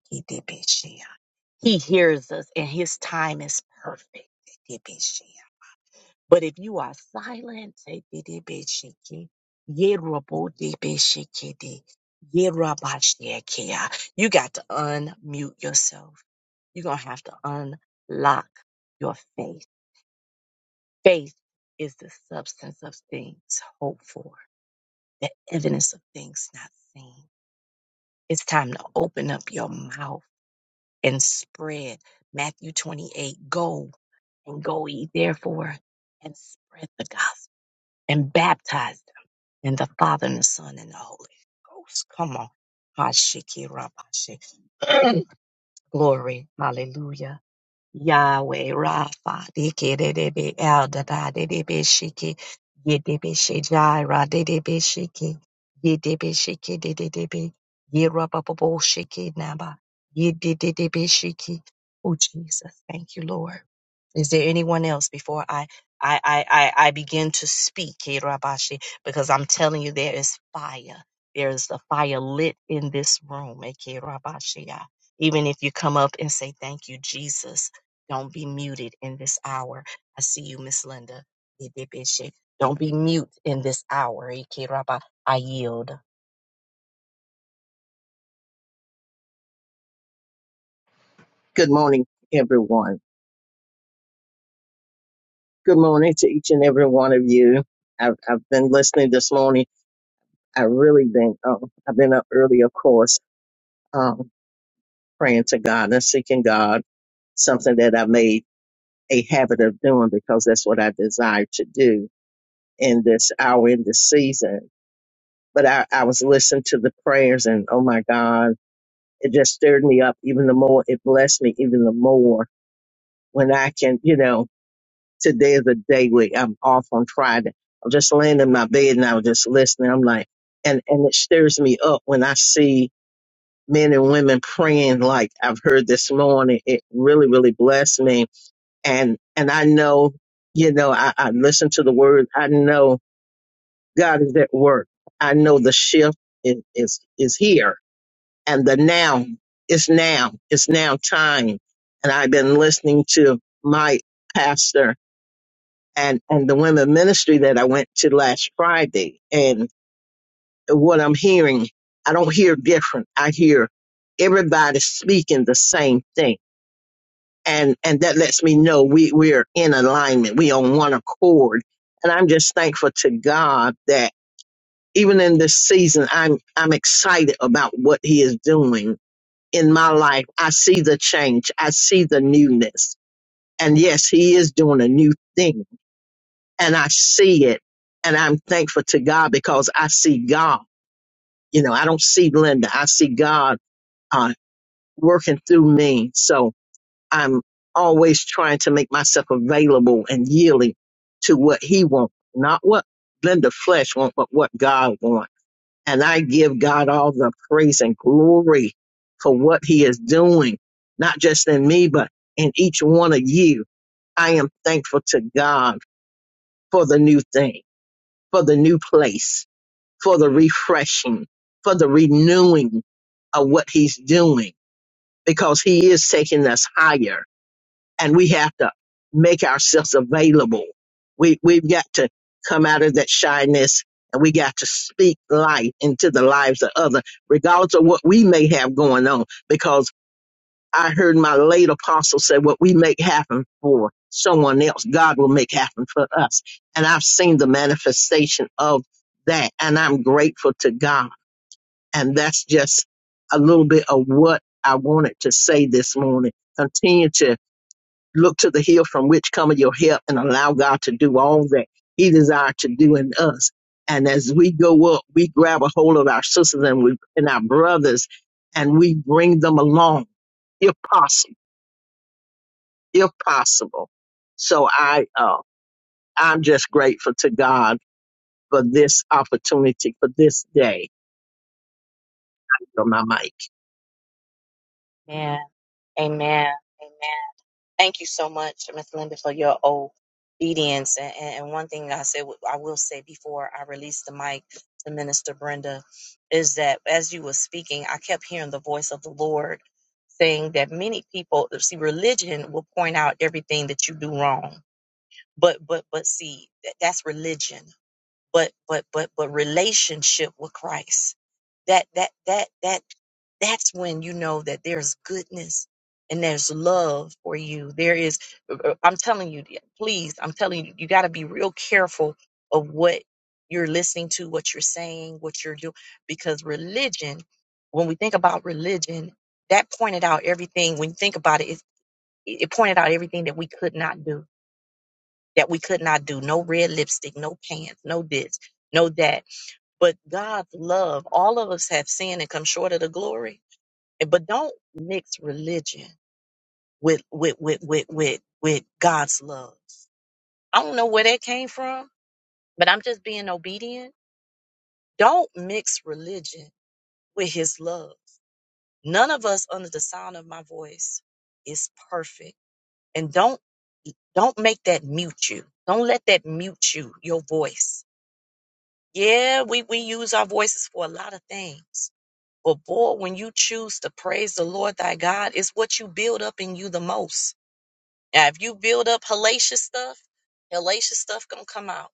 [SPEAKER 1] hears us, and His time is perfect. But if you are silent, Yerabashneakia. You got to unmute yourself. You're going to have to unlock your faith. Faith is the substance of things hoped for, the evidence of things not seen. It's time to open up your mouth and spread Matthew 28. Go and go ye therefore and spread the gospel and baptize them in the Father and the Son and the Holy Ghost. Come on. Hashikirabashe. Glory. Hallelujah. Yahweh Rapha, Dikedebe El Dada, Dedebe Shiki, Yedebe Shijira, Dedebe Shiki, Yedebe Shiki, Dedebe, Yerababo Shiki Naba, Yedebe Shiki. Oh, Jesus, thank you, Lord. Is there anyone else before I I I I, I begin to speak, Kirabashi? Because I'm telling you, there is fire. There is the fire lit in this room, eh, Kirabashi. Ah, Even if you come up and say thank you, Jesus, don't be muted in this hour. I see you, Miss Linda. Idibishe. Don't be mute in this hour, eh, Kiraba. I yield.
[SPEAKER 5] Good morning, everyone. Good morning to each and every one of you. I've, I've been listening this morning. I've really been, um, I've been up early, of course, um, praying to God and seeking God, something that I made a habit of doing because that's what I desire to do in this hour, in this season. But I, I was listening to the prayers and oh my God, it just stirred me up even the more. It blessed me even the more when I can, you know, today is a day where I'm off on Friday. I'm just laying in my bed and I was just listening. I'm like, and, and it stirs me up when I see men and women praying like I've heard this morning. It really, really blessed me. And, and I know, you know, I, I listen to the word. I know God is at work. I know the shift is, is, is here and the now is now. It's now time. And I've been listening to my pastor and and the women ministry that I went to last Friday. And what I'm hearing, I don't hear different. I hear everybody speaking the same thing, and and that lets me know we we're in alignment. We on one accord, and I'm just thankful to God that even in this season, I'm I'm excited about what He is doing in my life. I see the change. I see the newness, and yes, He is doing a new thing and I see it. And I'm thankful to God because I see God. You know, I don't see Linda. I see God uh, working through me. So I'm always trying to make myself available and yielding to what He wants, not what Linda flesh wants, but what God wants. And I give God all the praise and glory for what He is doing, not just in me, but in each one of you. I am thankful to God for the new thing. for the new place, for the refreshing, for the renewing of what he's doing because he is taking us higher and we have to make ourselves available. We, we've got to come out of that shyness and we got to speak light into the lives of others, regardless of what we may have going on, because I heard my late apostle say, what we make happen for someone else, God will make happen for us. And I've seen the manifestation of that. And I'm grateful to God. And that's just a little bit of what I wanted to say this morning. Continue to look to the hill from which cometh your help and allow God to do all that he desires to do in us. And as we go up, we grab a hold of our sisters and we and our brothers and we bring them along if possible if possible. So I, uh, I'm just grateful to God for this opportunity, for this day. On my mic.
[SPEAKER 1] Amen. Amen. Amen. Thank you so much, Miss Linda, for your obedience. And, and and one thing I said, I will say before I release the mic to Minister Brenda, is that as you were speaking, I kept hearing the voice of the Lord saying that many people see religion will point out everything that you do wrong, but but but see that- that's religion but but but but relationship with Christ. That that that that that's when you know that there's goodness and there's love for you. There is uh, uh, I'm telling you, yeah, please, I'm telling you, you got to be real careful of what you're listening to, what you're saying, what you're doing because religion, when we think about religion, that pointed out everything when you think about it, it, it pointed out everything that we could not do. That we could not do. No red lipstick, no pants, no this, no that but God's love, all of us have sinned and come short of the glory. But don't mix religion with with with with with, with God's love. I don't know where that came from, but I'm just being obedient. Don't mix religion with his love. None of us under the sound of my voice is perfect. And don't don't make that mute you. Don't let that mute you, your voice. Yeah, we, we use our voices for a lot of things, But boy, when you choose to praise the Lord thy God, it's what you build up in you the most. Now, if you build up hellacious stuff, hellacious stuff gonna come out.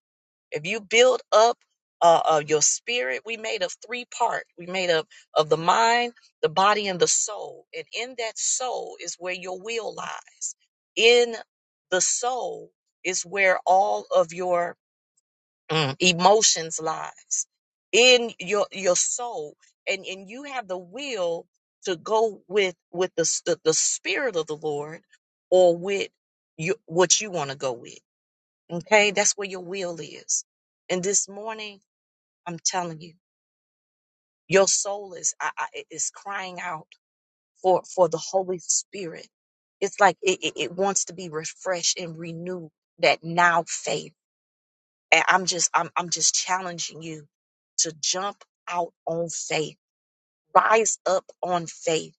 [SPEAKER 1] If you build up uh, uh, your spirit, we made of three part. We made up of the mind, the body, and the soul. And in that soul is where your will lies. In the soul is where all of your Mm. Emotions lies in your your soul, and and you have the will to go with with the s- the, the spirit of the Lord, or with you what you want to go with. Okay, that's where your will is. And this morning, I'm telling you, your soul is I, I, it is crying out for for the Holy Spirit. It's like it, it, it wants to be refreshed and renewed. That now faith. And I'm just, I'm, I'm just challenging you to jump out on faith, rise up on faith,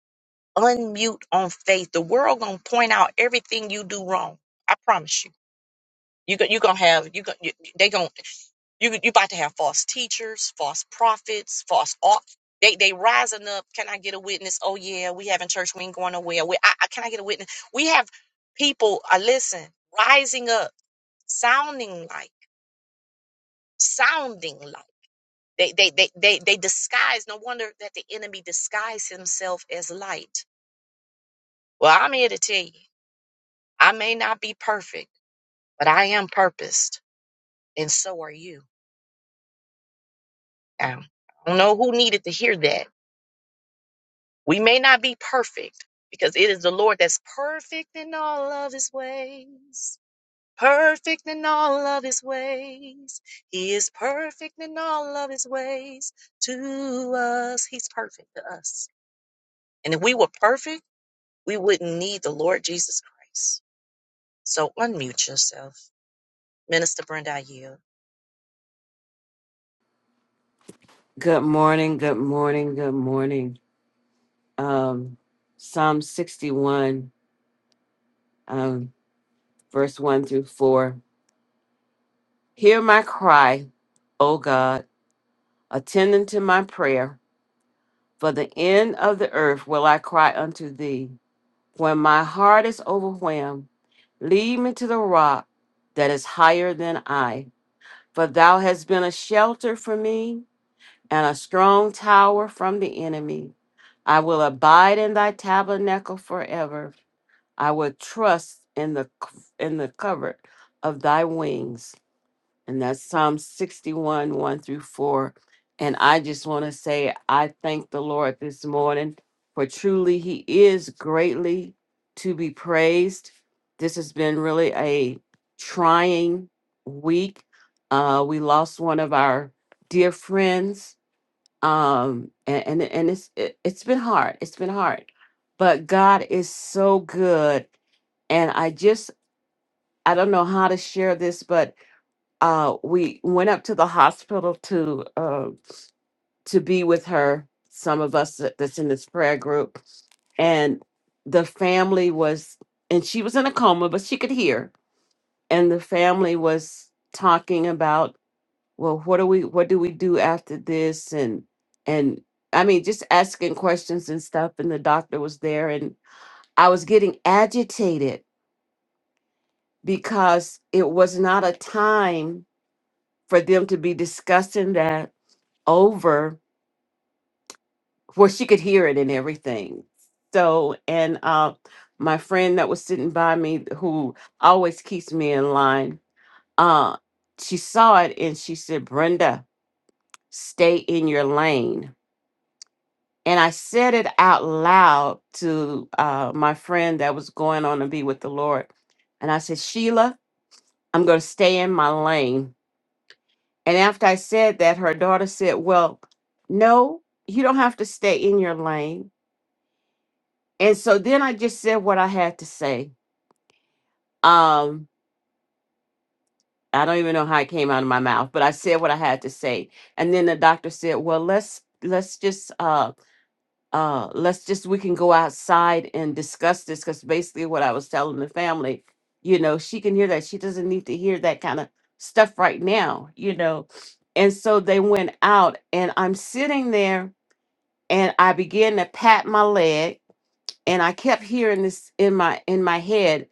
[SPEAKER 1] unmute on faith. The world gonna point out everything you do wrong. I promise you. You go, you gonna have you go, you, they gonna you you about to have false teachers, false prophets, false au- they they rising up. Can I get a witness? Oh yeah, we having church. We ain't going nowhere. We, I, I, can I get a witness? We have people. Uh, listen, rising up, sounding like sounding like. They they they they they disguise. No wonder that the enemy disguised himself as light. Well, I'm here to tell you, I may not be perfect, but I am purposed, and so are you. Now, I don't know who needed to hear that. We may not be perfect because it is the Lord that's perfect in all of his ways. Perfect in all of his ways. He is perfect in all of his ways. To us, he's perfect to us. And if we were perfect, we wouldn't need the Lord Jesus Christ. So unmute yourself. Minister Brenda, I yield.
[SPEAKER 6] Good morning, good morning, good morning. Um, Psalm 61, um, verse 1 through 4. Hear my cry, O God, attend unto my prayer. For the end of the earth will I cry unto thee. When my heart is overwhelmed, lead me to the rock that is higher than I. For thou hast been a shelter for me and a strong tower from the enemy. I will abide in thy tabernacle forever. I will trust in the c- in the covert of thy wings. And that's Psalm 61, 1 through 4. And I just want to say I thank the Lord this morning for truly he is greatly to be praised. This has been really a trying week. Uh, we lost one of our dear friends. Um, and, and, and it's it, it's been hard. It's been hard. But God is so good and I just I don't know how to share this, but uh, we went up to the hospital to uh, to be with her. Some of us that- that's in this prayer group, and the family was, and she was in a coma, but she could hear, and the family was talking about, well, what do we what do we do after this, and and I mean just asking questions and stuff, and the doctor was there, and I was getting agitated because it was not a time for them to be discussing that over where she could hear it and everything. So, and uh, my friend that was sitting by me, who always keeps me in line, uh, she saw it and she said, Brenda, stay in your lane. And I said it out loud to uh, my friend that was going on to be with the Lord. And I said, Sheila, I'm going to stay in my lane And after I said that, her daughter said, Well, no, you don't have to stay in your lane. And so then I just said what I had to say. Um, I don't even know how it came out of my mouth, but I said what I had to say. And then the doctor said, Well, let's let's just uh uh let's just we can go outside and discuss this because basically what I was telling the family, you know, she can hear that. She doesn't need to hear that kind of stuff right now, you know. And so they went out and I'm sitting there and I began to pat my leg, and I kept hearing this in my in my head.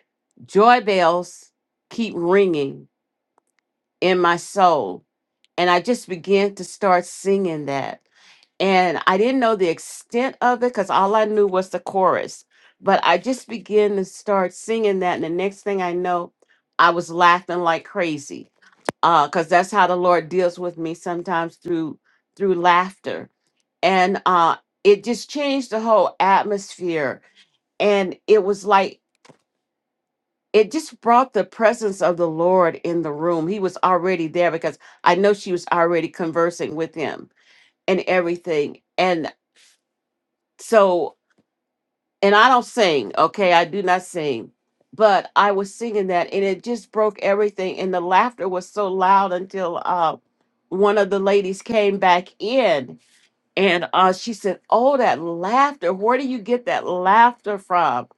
[SPEAKER 6] Joy bells keep ringing in my soul, and I just began to start singing that. And I didn't know the extent of it because all I knew was the chorus. But I just began to start singing that, and the next thing I know, I was laughing like crazy. Uh, because that's how the Lord deals with me sometimes through through laughter and uh it just changed the whole atmosphere and it was like it just brought the presence of the lord in the room he was already there because i know she was already conversing with him and everything and so and i don't sing okay i do not sing but i was singing that and it just broke everything and the laughter was so loud until uh one of the ladies came back in And uh, she said, Oh, that laughter. Where do you get that laughter from?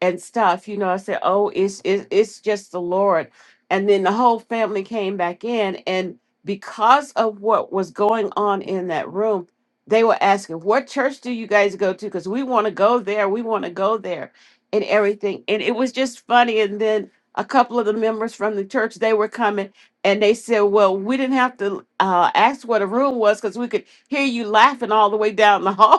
[SPEAKER 6] and stuff. You know, I said, "Oh, it's it's it's just the Lord." And then the whole family came back in, and because of what was going on in that room, they were asking, "What church do you guys go to? Because we want to go there. We want to go there, and everything." And it was just funny. And then a couple of the members from the church they were coming, and they said, "Well, we didn't have to uh, ask what a room was because we could hear you laughing all the way down the hall."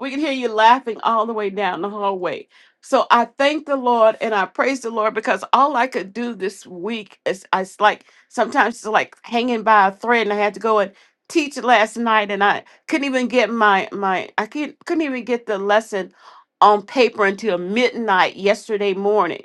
[SPEAKER 6] We can hear you laughing all the way down the hallway. So I thank the Lord and I praise the Lord because all I could do this week is I s- like sometimes it's like hanging by a thread and I had to go and teach last night and I couldn't even get my my I can't, couldn't even get the lesson on paper until midnight yesterday morning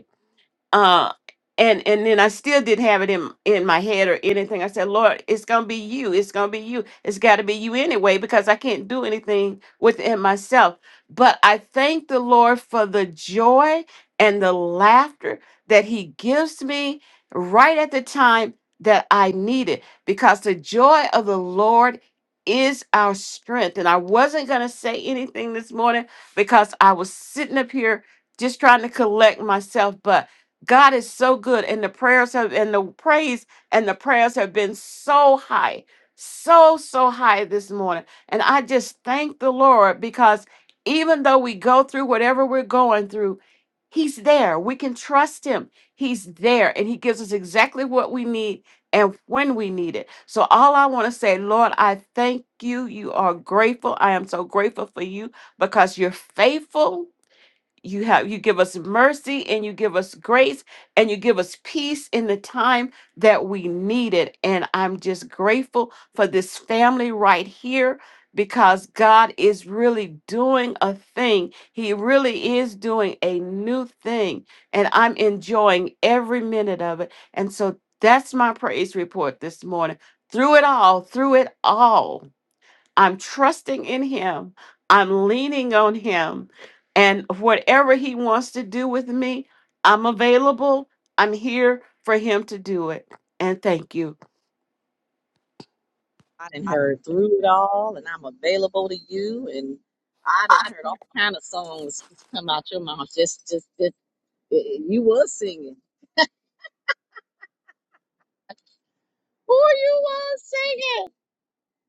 [SPEAKER 6] uh and and then I still didn't have it in in my head or anything. I said, Lord, it's gonna be you. It's gonna be you. It's got to be you anyway because I can't do anything within myself. But I thank the Lord for the joy and the laughter that He gives me right at the time that I need it because the joy of the Lord is our strength. And I wasn't gonna say anything this morning because I was sitting up here just trying to collect myself, but. God is so good, and the prayers have and the praise and the prayers have been so high, so so high this morning. And I just thank the Lord because even though we go through whatever we're going through, He's there. We can trust Him. He's there, and He gives us exactly what we need and when we need it. So all I want to say, Lord, I thank you. You are grateful. I am so grateful for you because you're faithful you have you give us mercy and you give us grace and you give us peace in the time that we need it and i'm just grateful for this family right here because god is really doing a thing he really is doing a new thing and i'm enjoying every minute of it and so that's my praise report this morning through it all through it all I'm trusting in Him. I'm leaning on Him. And whatever He wants to do with me, I'm available. I'm here for Him to do it. And thank you.
[SPEAKER 1] I didn't heard all, and I'm available. And I didn't heard things coming off. Just, just eh, eh, you was singing. Oh, you was singing.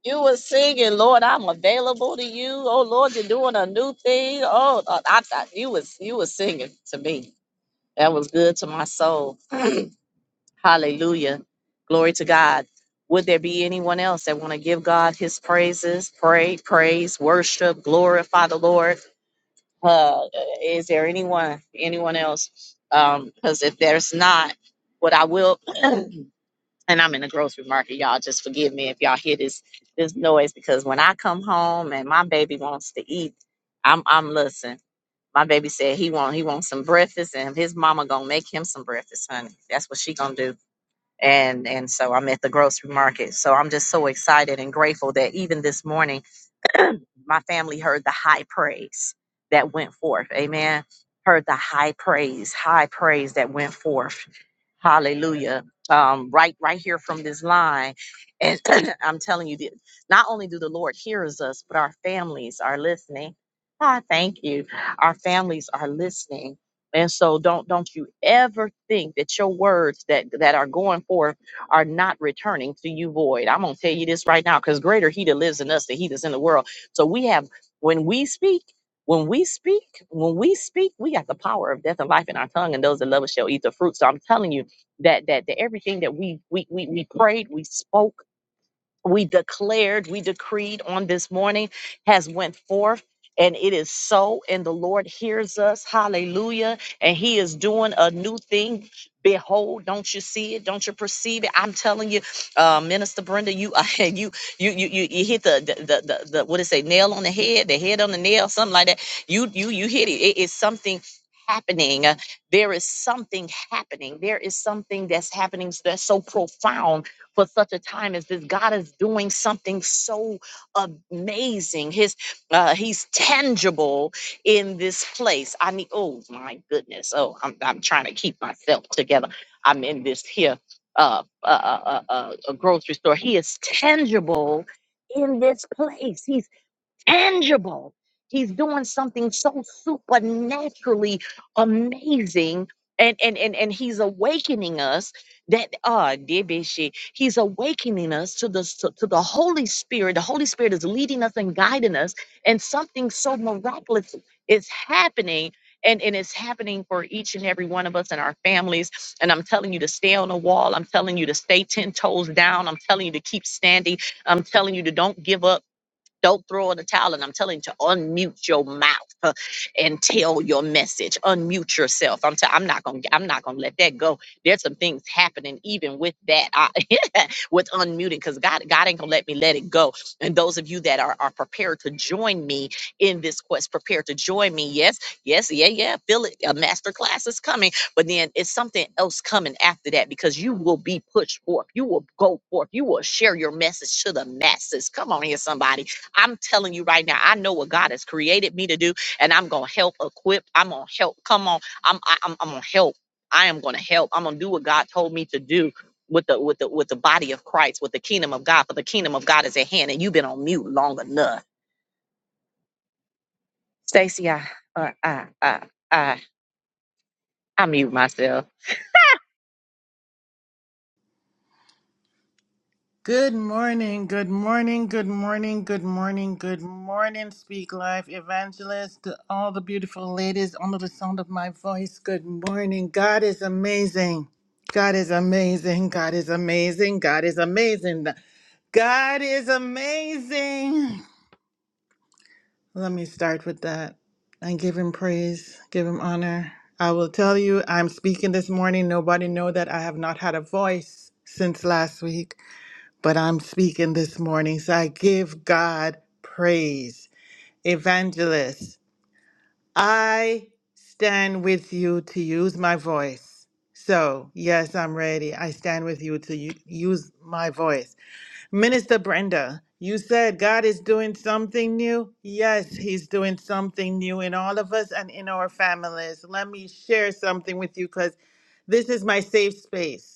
[SPEAKER 1] You was singing, Lord. I'm available to you. Oh, Lord, you're doing a new thing. Oh, uh, I, I- you was you was singing to me. That was good to my soul. Hallelujah. Glory to God. Would there be anyone else that want to give God his praises, pray, praise, worship, glorify the Lord? Uh, is there anyone, anyone else? Because if there's not, what I will, and I'm in the grocery market, y'all just forgive me if y'all hear this this noise because when I come home and my baby wants to eat, I'm I'm listen. My baby said he want he wants some breakfast and his mama gonna make him some breakfast, honey. That's what she gonna do and and so I'm at the grocery market. So I'm just so excited and grateful that even this morning my family heard the high praise that went forth. Amen. Heard the high praise, high praise that went forth. Hallelujah. Um, right, right here from this line. And I'm telling you, that not only do the Lord hears us, but our families are listening. Ah, thank you. Our families are listening. And so don't don't you ever think that your words that that are going forth are not returning to you void. I'm gonna tell you this right now, because greater he that lives in us than he that's in the world. So we have when we speak, when we speak, when we speak, we got the power of death and life in our tongue, and those that love us shall eat the fruit. So I'm telling you that that, that everything that we, we we we prayed, we spoke we declared, we decreed on this morning has went forth and it is so and the Lord hears us. Hallelujah. And he is doing a new thing. Behold, don't you see it? Don't you perceive it? I'm telling you, uh, Minister Brenda, you uh, you you you you you hit the the, the the the what is it? Nail on the head, the head on the nail, something like that. You you you hit it. It is something happening. Uh, There is something happening. There is something that's happening that's so profound for such a time as this. God is doing something so amazing. His uh, He's tangible in this place. I mean, oh my goodness. Oh, I'm, I'm trying to keep myself together. I'm in this here uh, uh, uh, uh, uh, grocery store. He is tangible in this place. He's tangible. He's doing something so supernaturally amazing. And, and, and, and he's awakening us that uh dear Bishi, he's awakening us to the to, to the Holy Spirit. The Holy Spirit is leading us and guiding us, and something so miraculous is happening, and, and it's happening for each and every one of us and our families. And I'm telling you to stay on the wall, I'm telling you to stay 10 toes down, I'm telling you to keep standing, I'm telling you to don't give up. Don't throw in the towel, and I'm telling you to unmute your mouth huh, and tell your message. Unmute yourself. I'm. T- I'm not gonna. I'm not gonna let that go. There's some things happening even with that. I, with unmuting, because God, God ain't gonna let me let it go. And those of you that are are prepared to join me in this quest, prepared to join me. Yes, yes, yeah, yeah. Feel it. A master class is coming, but then it's something else coming after that because you will be pushed forth. You will go forth. You will share your message to the masses. Come on here, somebody I'm telling you right now, I know what God has created me to do, and I'm gonna help equip. I'm gonna help. Come on, I'm I, I'm, I'm gonna help. I am gonna help. I'm gonna do what God told me to do with the with the with the body of Christ, with the kingdom of God. For the kingdom of God is at hand, and you've been on mute long enough. Stacy, I uh, I I I I mute myself.
[SPEAKER 7] Good morning, good morning, good morning, good morning, good morning, Speak Life Evangelist, to all the beautiful ladies under the sound of my voice. Good morning. God is amazing. God is amazing. God is amazing. God is amazing. God is amazing. Let me start with that and give him praise, give him honor. I will tell you, I'm speaking this morning. Nobody know that I have not had a voice since last week but I'm speaking this morning, so I give God praise. Evangelist, I stand with you to use my voice. So, yes, I'm ready. I stand with you to u- use my voice. Minister Brenda, you said God is doing something new. Yes, He's doing something new in all of us and in our families. Let me share something with you because this is my safe space.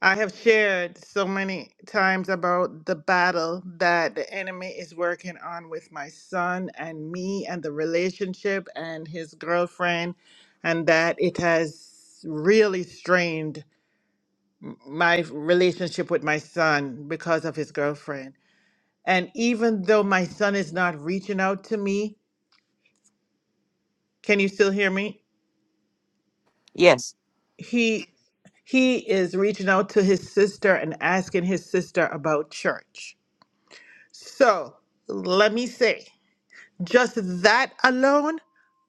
[SPEAKER 7] I have shared so many times about the battle that the enemy is working on with my son and me and the relationship and his girlfriend, and that it has really strained m- my relationship with my son because of his girlfriend. And even though my son is not reaching out to me, can you still hear me?
[SPEAKER 6] Yes.
[SPEAKER 7] He he is reaching out to his sister and asking his sister about church So let me say, just that alone,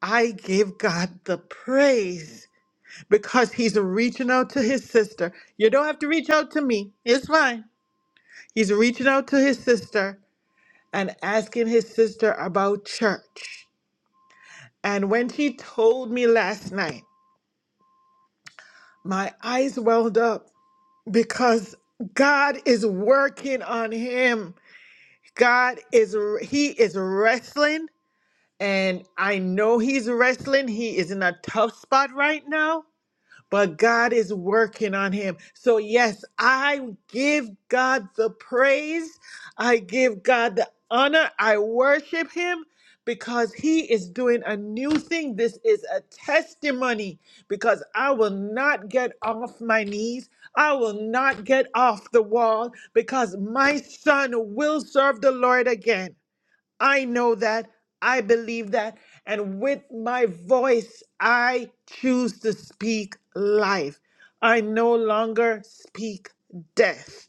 [SPEAKER 7] I give God the praise because He's reaching out to His sister. You don't have to reach out to me, it's fine. He's reaching out to His sister and asking His sister about church. And when she told me last night, my eyes welled up because God is working on him. God is, He is wrestling And I know he's wrestling. He is in a tough spot right now, but God is working on him. So, yes, I give God the praise. I give God the honor. I worship him because he is doing a new thing. This is a testimony because I will not get off my knees. I will not get off the wall because my son will serve the Lord again. I know that. I believe that. And with my voice, I choose to speak life. I no longer speak death.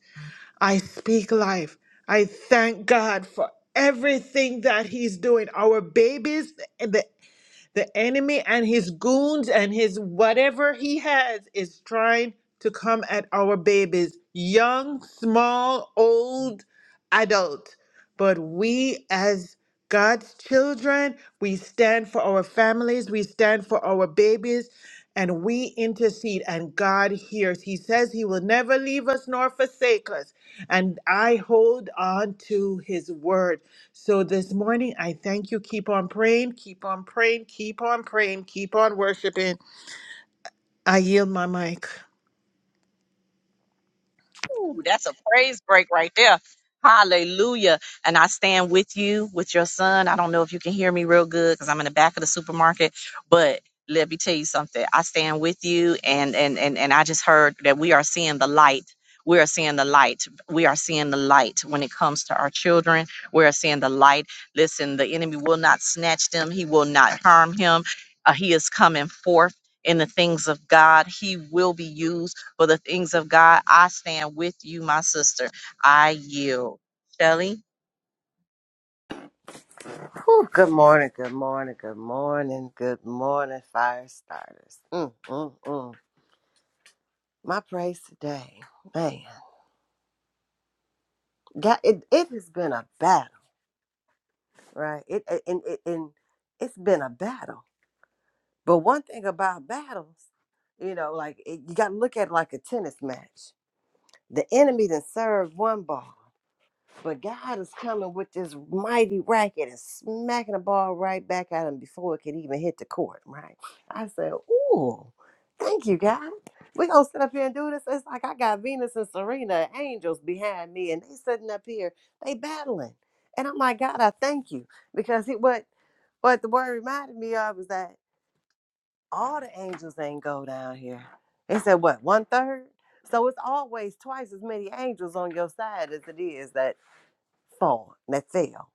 [SPEAKER 7] I speak life. I thank God for everything that He's doing. Our babies, the, the enemy, and his goons and his whatever he has is trying to come at our babies, young, small, old, adult. But we as God's children, we stand for our families, we stand for our babies, and we intercede, and God hears. He says He will never leave us nor forsake us. And I hold on to His word. So this morning, I thank you. Keep on praying, keep on praying, keep on praying, keep on worshiping. I yield my mic.
[SPEAKER 1] Ooh, that's a praise break right there. Hallelujah. And I stand with you, with your son. I don't know if you can hear me real good because I'm in the back of the supermarket, but let me tell you something. I stand with you and and and and I just heard that we are seeing the light. We are seeing the light. We are seeing the light when it comes to our children. We are seeing the light. Listen, the enemy will not snatch them. He will not harm him. Uh, he is coming forth in the things of God. He will be used for the things of God. I stand with you, my sister. I yield. Shelly?
[SPEAKER 8] Whew, good morning, good morning, good morning, good morning, fire starters. Mm, mm, mm. My praise today, man. God, it, it has been a battle, right? It it- and, it and it's been a battle. But one thing about battles, you know, like it, you got to look at it like a tennis match. The enemy then served one ball. But God is coming with this mighty racket and smacking the ball right back at him before it could even hit the court, right? I said, Ooh, thank you, God. We're going to sit up here and do this. It's like I got Venus and Serena, angels behind me, and they sitting up here, they battling. And I'm like, God, I thank you. Because it, what, what the word reminded me of was that all the angels ain't go down here. They said, what, one third? So it's always twice as many angels on your side as it is that fall, that fell,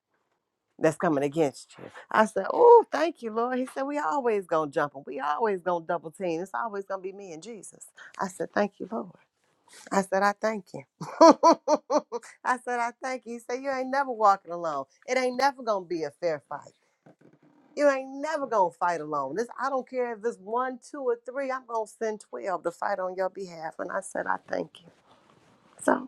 [SPEAKER 8] that's coming against you. I said, Oh, thank you, Lord. He said, We always gonna jump him. We always gonna double team. It's always gonna be me and Jesus. I said, Thank you, Lord. I said, I thank you. I said, I thank you. He said, You ain't never walking alone. It ain't never gonna be a fair fight. You ain't never gonna fight alone. This I don't care if it's one, two, or three, I'm gonna send twelve to fight on your behalf. And I said, I thank you. So.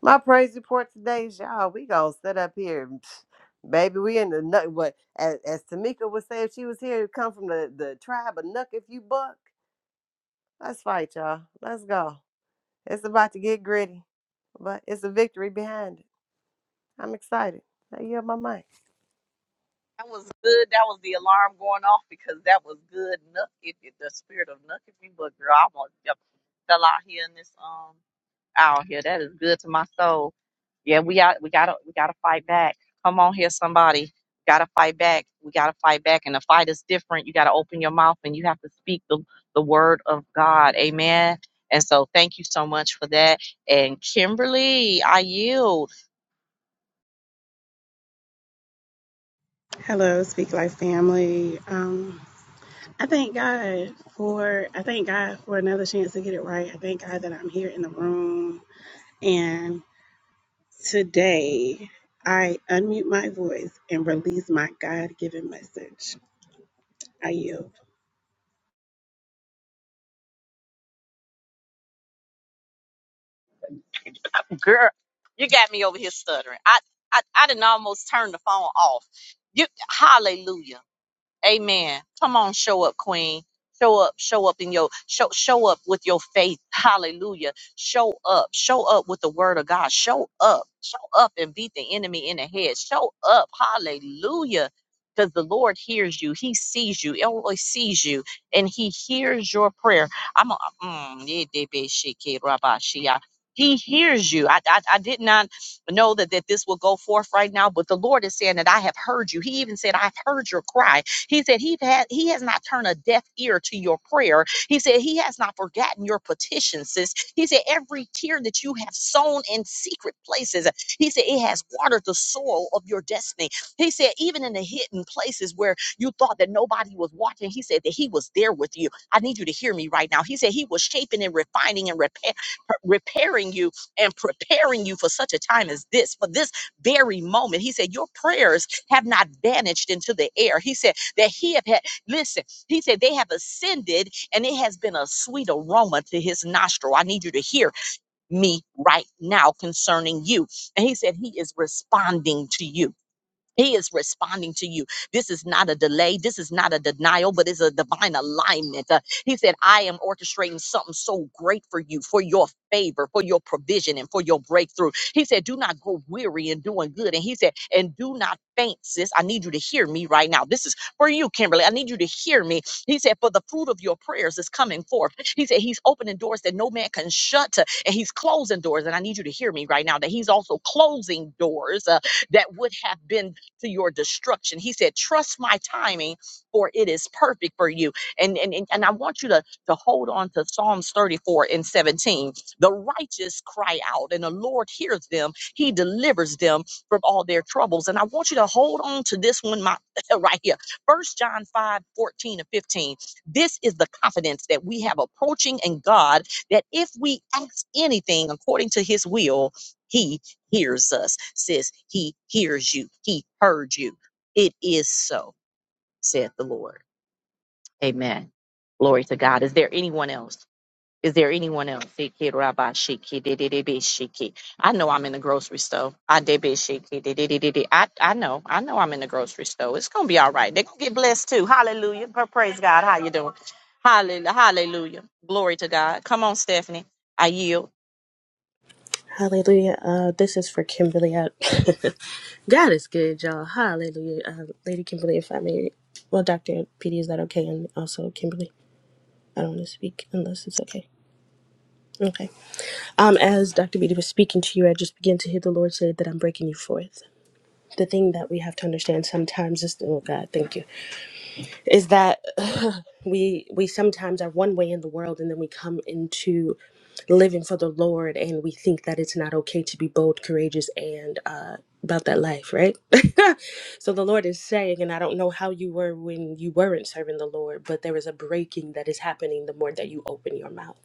[SPEAKER 8] My praise report today is y'all. We gonna sit up here, and, pff, baby. We in the nut. What as, as Tamika would say if she was here, come from the the tribe of Nuck. If you buck, let's fight, y'all. Let's go. It's about to get gritty, but it's a victory behind it. I'm excited. I yield my mic.
[SPEAKER 1] That was good. That was the alarm going off because that was good. Nuck if the spirit of nuck if you but girl, I want to fell out here in this. um. out here. That is good to my soul. Yeah, we got we gotta we gotta fight back. Come on here, somebody. Gotta fight back. We gotta fight back. And the fight is different. You gotta open your mouth and you have to speak the, the word of God. Amen. And so thank you so much for that. And Kimberly, I yield.
[SPEAKER 9] Hello, Speak Life family. Um, I thank God for I thank God for another chance to get it right. I thank God that I'm here in the room and today I unmute my voice and release my God-given message. I yield.
[SPEAKER 1] Girl, you got me over here stuttering. I I, I didn't almost turn the phone off. You hallelujah. Amen. Come on, show up, Queen. Show up, show up in your show, show up with your faith. Hallelujah. Show up. Show up with the word of God. Show up. Show up and beat the enemy in the head. Show up. Hallelujah. Because the Lord hears you. He sees you. He always sees you. And he hears your prayer. I'm a, mm, yeah, de- be- she- ke- rabba- she- ah. he hears you. I, I, I did not know that, that this will go forth right now, but the Lord is saying that I have heard you. He even said, I've heard your cry. He said he had he has not turned a deaf ear to your prayer. He said he has not forgotten your petition, sis. He said every tear that you have sown in secret places, he said it has watered the soil of your destiny. He said even in the hidden places where you thought that nobody was watching, he said that he was there with you. I need you to hear me right now. He said he was shaping and refining and repair, repairing you and preparing you for such a time as this, for this very moment. He said, Your prayers have not vanished into the air. He said, that he have had. Listen, he said they have ascended and it has been a sweet aroma to his nostril. I need you to hear me right now concerning you. And he said he is responding to you. He is responding to you. This is not a delay. This is not a denial, but it's a divine alignment. Uh, he said, I am orchestrating something so great for you, for your favor, for your provision, and for your breakthrough. He said, Do not grow weary in doing good. And he said, And do not faint, sis. I need you to hear me right now. This is for you, Kimberly. I need you to hear me. He said, For the fruit of your prayers is coming forth. He said, He's opening doors that no man can shut, uh, and He's closing doors. And I need you to hear me right now that He's also closing doors uh, that would have been to your destruction. He said, Trust my timing, for it is perfect for you. And and, and, and I want you to, to hold on to Psalms 34 and 17. The righteous cry out, and the Lord hears them, He delivers them from all their troubles. And I want you to hold on to this one my, right here. First John 5:14 and 15. This is the confidence that we have approaching in God that if we ask anything according to his will, he hears us, says he hears you. He heard you. It is so, saith the Lord. Amen. Glory to God. Is there anyone else? Is there anyone else? Siki rabba shiki di di di bi shiki. I know I'm in the grocery store. I did be shiki di di di di di. I I know. I know I'm in the grocery store. It's gonna be all right. They're gonna get blessed too. Hallelujah. Pra- Praise God. How you doing? Hallelujah. Hallelujah. Glory to God. Come on, Stephanie. I yield.
[SPEAKER 10] Hallelujah. Uh, this is for Kimberly. I- God is good, y'all. Hallelujah. Uh, Lady Kimberly, if I may. Well, Dr. PD, is that okay? And also, Kimberly, I don't want to speak unless it's okay. Okay. Um, as Dr. PD was speaking to you, I just began to hear the Lord say that I'm breaking you forth. The thing that we have to understand sometimes is, oh God, thank you is that we we sometimes are one way in the world and then we come into living for the Lord and we think that it's not okay to be bold, courageous, and uh, about that life, right? so the Lord is saying, and I don't know how you were when you weren't serving the Lord, but there is a breaking that is happening the more that you open your mouth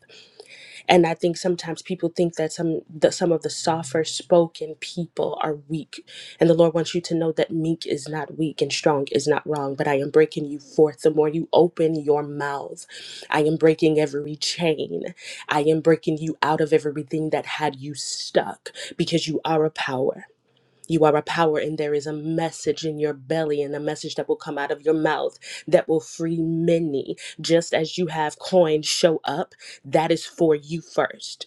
[SPEAKER 10] and I think sometimes people think that some that some of the softer spoken people are weak, and the Lord wants you to know that meek is not weak and strong is not wrong. But I am breaking you forth. The more you open your mouth, I am breaking every chain. I am breaking you out of everything that had you stuck because you are a power. You are a power, and there is a message in your belly, and a message that will come out of your mouth that will free many. Just as you have coin show up, that is for you first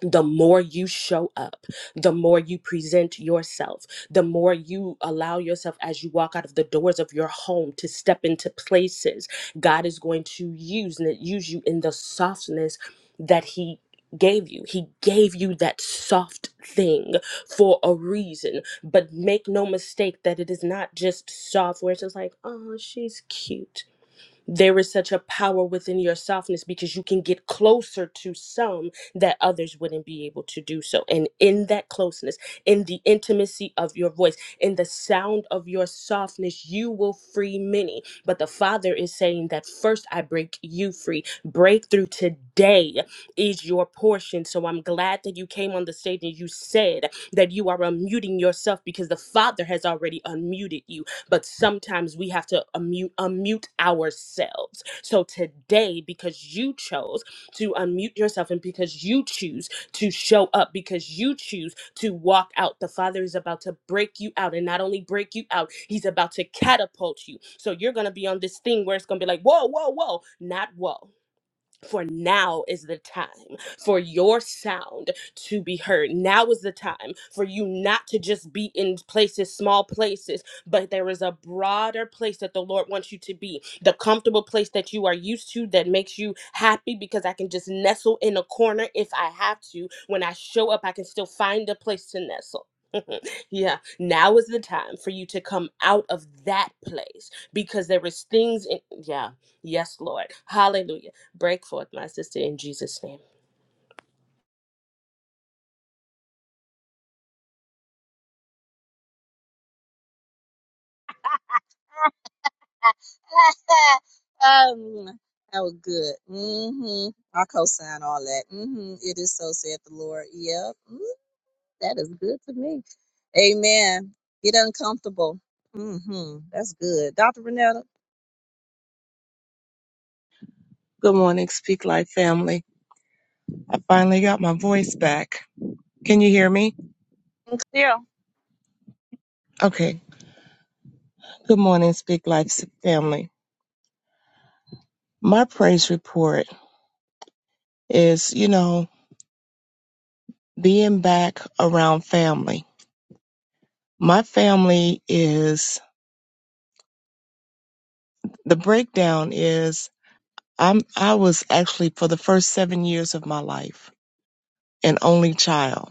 [SPEAKER 10] the more you show up, the more you present yourself, the more you allow yourself as you walk out of the doors of your home to step into places God is going to use and use you in the softness that He gave you. He gave you that soft thing for a reason. But make no mistake that it is not just soft where it's just like, oh, she's cute there is such a power within your softness because you can get closer to some that others wouldn't be able to do so. And in that closeness, in the intimacy of your voice, in the sound of your softness, you will free many. But the Father is saying that first I break you free. Breakthrough today is your portion. So I'm glad that you came on the stage and you said that you are unmuting yourself because the Father has already unmuted you but sometimes we have to unmute, unmute ourselves. So today, because you chose to unmute yourself and because you choose to show up, because you choose to walk out, the Father is about to break you out and not only break you out, He's about to catapult you. So you're going to be on this thing where it's going to be like, whoa, whoa, whoa, not whoa for now is the time for your sound to be heard. Now is the time for you not to just be in places, small places, but there is a broader place that the Lord wants you to be. The comfortable place that you are used to that makes you happy because I can just nestle in a corner if I have to. When I show up, I can still find a place to nestle. yeah, now is the time for you to come out of that place because there is things in yeah. Yes, Lord. Hallelujah Break forth, my sister, in Jesus' name.
[SPEAKER 11] Good morning, Speak Life family. I finally got my voice back. Can you hear me? Okay. Good morning, Speak Life s- family. My praise report is, you know, being back around family. My family is the breakdown is I'm I was actually for the first 7 years of my life an only child.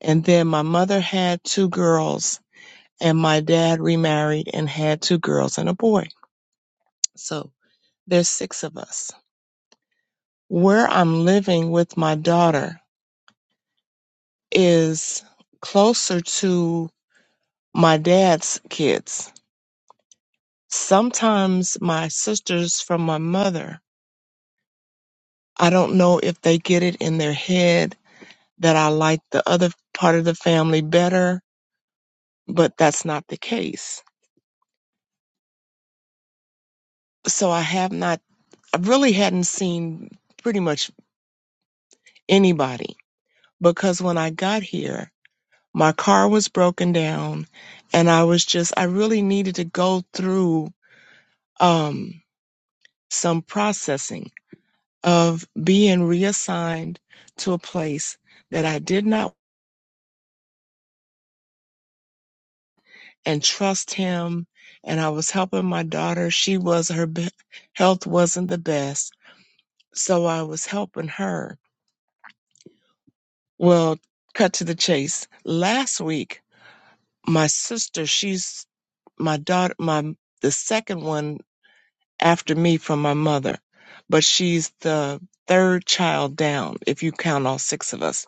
[SPEAKER 11] And then my mother had two girls and my dad remarried and had two girls and a boy. So there's six of us where I'm living with my daughter is closer to my dad's kids. Sometimes my sisters from my mother, I don't know if they get it in their head that I like the other part of the family better, but that's not the case. So I have not, I really hadn't seen pretty much anybody because when I got here, my car was broken down and I was just, I really needed to go through um, some processing of being reassigned to a place that I did not and trust him. And I was helping my daughter. She was, her be- health wasn't the best. So I was helping her. Well, cut to the chase. Last week, my sister, she's my daughter, my, the second one after me from my mother, but she's the third child down if you count all six of us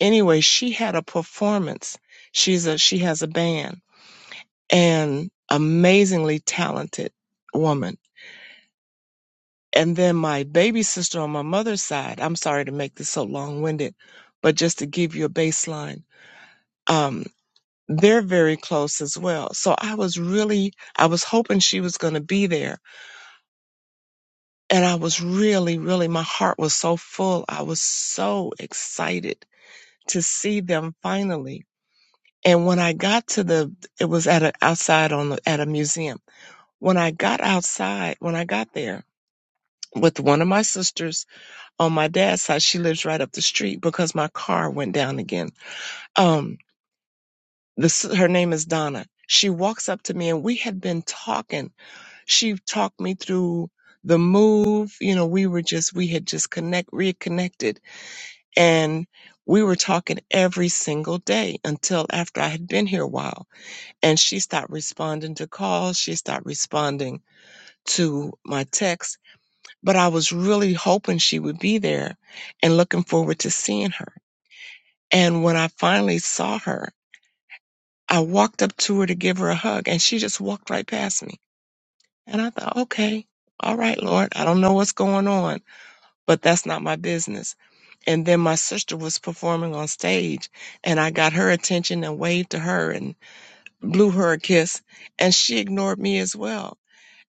[SPEAKER 11] anyway, she had a performance. She's a she has a band and amazingly talented woman. And then my baby sister on my mother's side, I'm sorry to make this so long winded, but just to give you a baseline, um, they're very close as well. So I was really, I was hoping she was going to be there. And I was really, really, my heart was so full. I was so excited to see them finally And when I got to the, it was at a, outside on the, at a museum. When I got outside, when I got there with one of my sisters on my dad's side, she lives right up the street because my car went down again. Um, this, her name is Donna. She walks up to me and we had been talking. She talked me through the move. You know, we were just, we had just connect, reconnected and we were talking every single day until after I had been here a while and she stopped responding to calls. She stopped responding to my texts. But I was really hoping she would be there and looking forward to seeing her. And when I finally saw her, I walked up to her to give her a hug, and she just walked right past me. And I thought, okay, all right, Lord, I don't know what's going on, but that's not my business. And then my sister was performing on stage, and I got her attention and waved to her and blew her a kiss, and she ignored me as well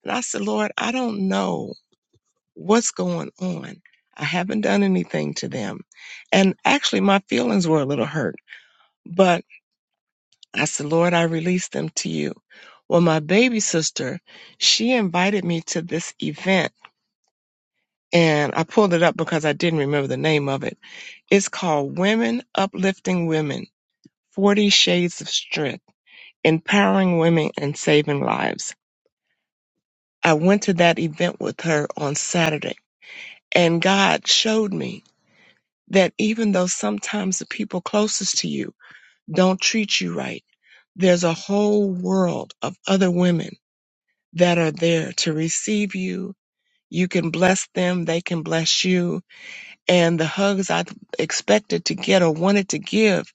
[SPEAKER 11] And I said, Lord, I don't know what's going on. I haven't done anything to them. And actually, my feelings were a little hurt, but I said, Lord, I release them to you. Well, my baby sister, she invited me to this event, and I pulled it up because I didn't remember the name of it. It's called Women Uplifting Women 40 Shades of Strength, Empowering Women and Saving Lives. I went to that event with her on Saturday, and God showed me. that even though sometimes the people closest to you don't treat you right, there's a whole world of other women that are there to receive you. You can bless them, they can bless you. And the hugs I expected to get or wanted to give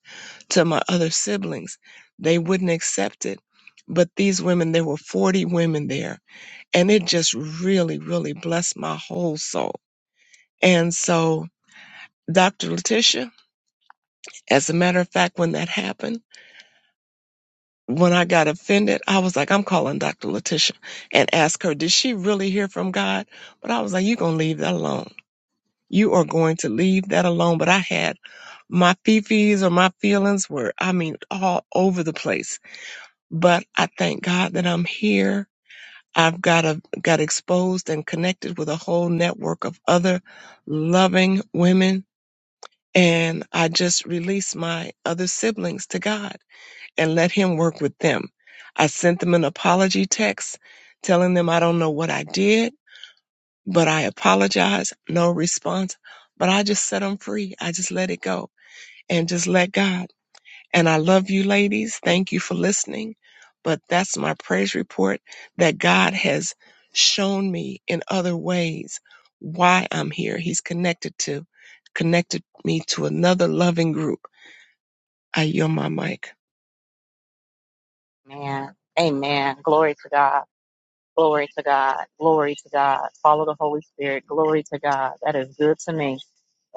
[SPEAKER 11] to my other siblings, they wouldn't accept it. But these women, there were 40 women there, and it just really, really blessed my whole soul. And so, Dr. Letitia, as a matter of fact, when that happened, when I got offended, I was like, I'm calling Dr. Letitia and ask her, did she really hear from God? But I was like, you're going to leave that alone. You are going to leave that alone. But I had my fifis or my feelings were, I mean, all over the place. But I thank God that I'm here. I've got a, got exposed and connected with a whole network of other loving women. And I just released my other siblings to God and let him work with them. I sent them an apology text telling them I don't know what I did, but I apologize. No response. But I just set them free. I just let it go and just let God. And I love you ladies. Thank you for listening. But that's my praise report that God has shown me in other ways why I'm here. He's connected to, connected me to another loving group. I yield my mic.
[SPEAKER 1] Man. Amen. Glory to God. Glory to God. Glory to God. Follow the Holy Spirit. Glory to God. That is good to me.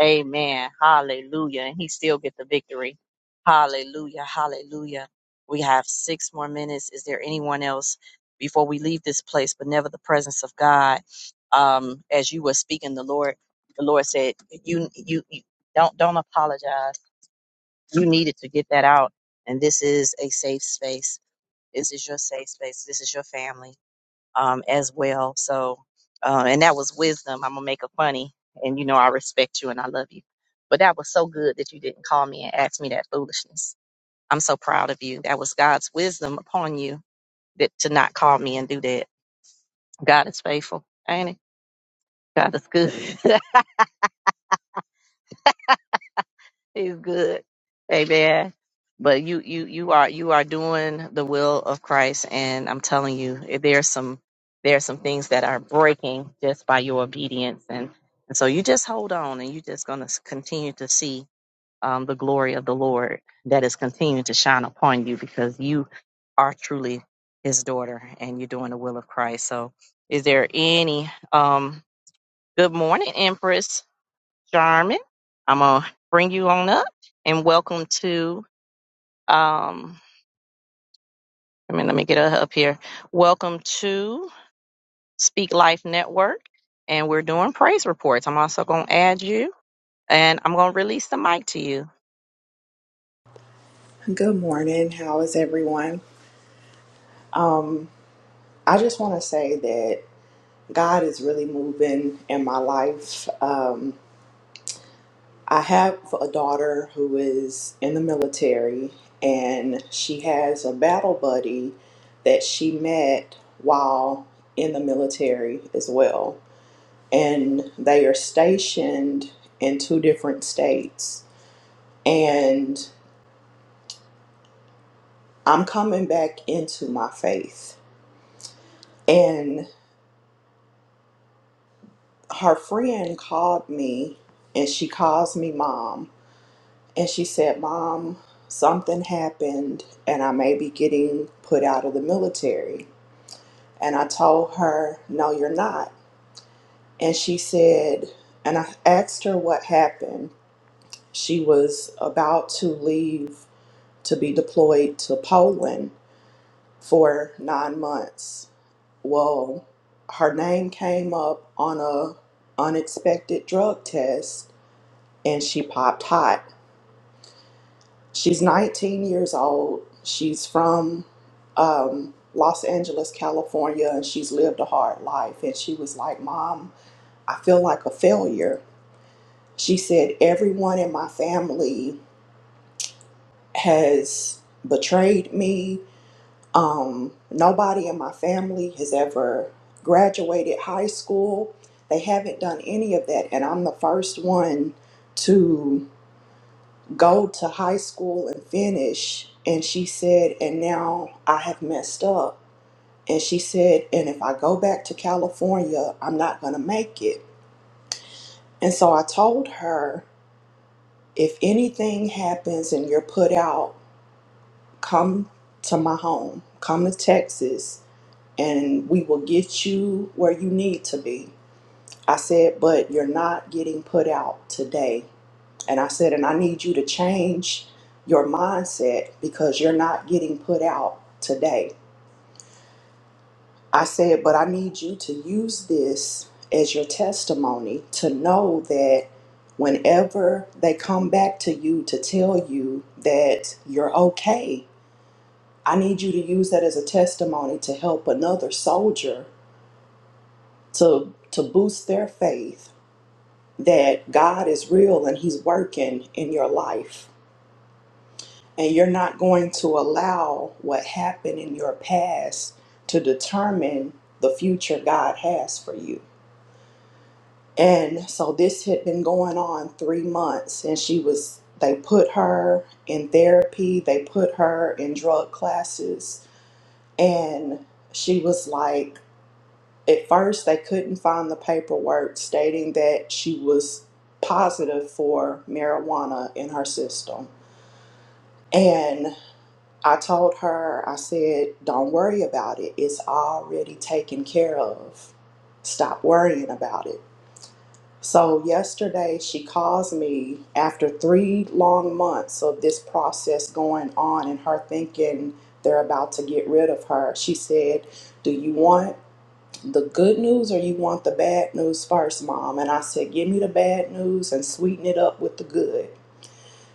[SPEAKER 1] Amen. Hallelujah. And he still get the victory. Hallelujah. Hallelujah. We have six more minutes. Is there anyone else before we leave this place, but never the presence of God? Um, as you were speaking, the Lord, the Lord said, you, you, you don't, don't apologize. You needed to get that out. And this is a safe space. This is your safe space. This is your family um, as well. So, uh, and that was wisdom. I'm gonna make a funny, and you know I respect you and I love you. But that was so good that you didn't call me and ask me that foolishness. I'm so proud of you. That was God's wisdom upon you that to not call me and do that. God is faithful, ain't it? God is good. He's good. Amen. But you you you are you are doing the will of Christ and I'm telling you eh, there's some there's some things that are breaking just by your obedience and and so you just hold on and you're just going to continue to see um, the glory of the Lord that is continuing to shine upon you because you are truly his daughter and you're doing the will of Christ. So is there any um good morning Empress Jarman. I'm gonna bring you on up and welcome to um I mean let me get up here. Welcome to Speak Life Network and we're doing praise reports. I'm also gonna add you and I'm gonna release the mic to you.
[SPEAKER 12] Good morning. How is everyone? I just want to say that God is really moving in my life. Um, I have a daughter who is in the military, and she has a battle buddy that she met while in the military as well. And they are stationed in two different states. And I'm coming back into my faith. and her friend called me and she calls me mom and she said mom something happened and i may be getting put out of the military and i told her no you're not and she said and i asked her what happened she was about to leave to be deployed to poland for nine months well her name came up on a unexpected drug test and she popped hot. She's 19 years old. She's from um, Los Angeles, California, and she's lived a hard life. And she was like, Mom, I feel like a failure. She said, Everyone in my family has betrayed me. Um, nobody in my family has ever graduated high school. They haven't done any of that. And I'm the first one to go to high school and finish. And she said, and now I have messed up. And she said, and if I go back to California, I'm not going to make it. And so I told her, if anything happens and you're put out, come to my home, come to Texas, and we will get you where you need to be. I said, but you're not getting put out today. And I said, and I need you to change your mindset because you're not getting put out today. I said, but I need you to use this as your testimony to know that whenever they come back to you to tell you that you're okay, I need you to use that as a testimony to help another soldier to to boost their faith that God is real and he's working in your life And you're not going to allow what happened in your past to determine the future God has for you. And so this had been going on three months, and she was, they put her in therapy, they put her in drug classes, and she was like, at first, they couldn't find the paperwork stating that she was positive for marijuana in her system. and. I told her, I said, don't worry about it. It's already taken care of. Stop worrying about it. So, yesterday she calls me after three long months of this process going on and her thinking they're about to get rid of her. She said, Do you want the good news or you want the bad news first, mom? And I said, Give me the bad news and sweeten it up with the good.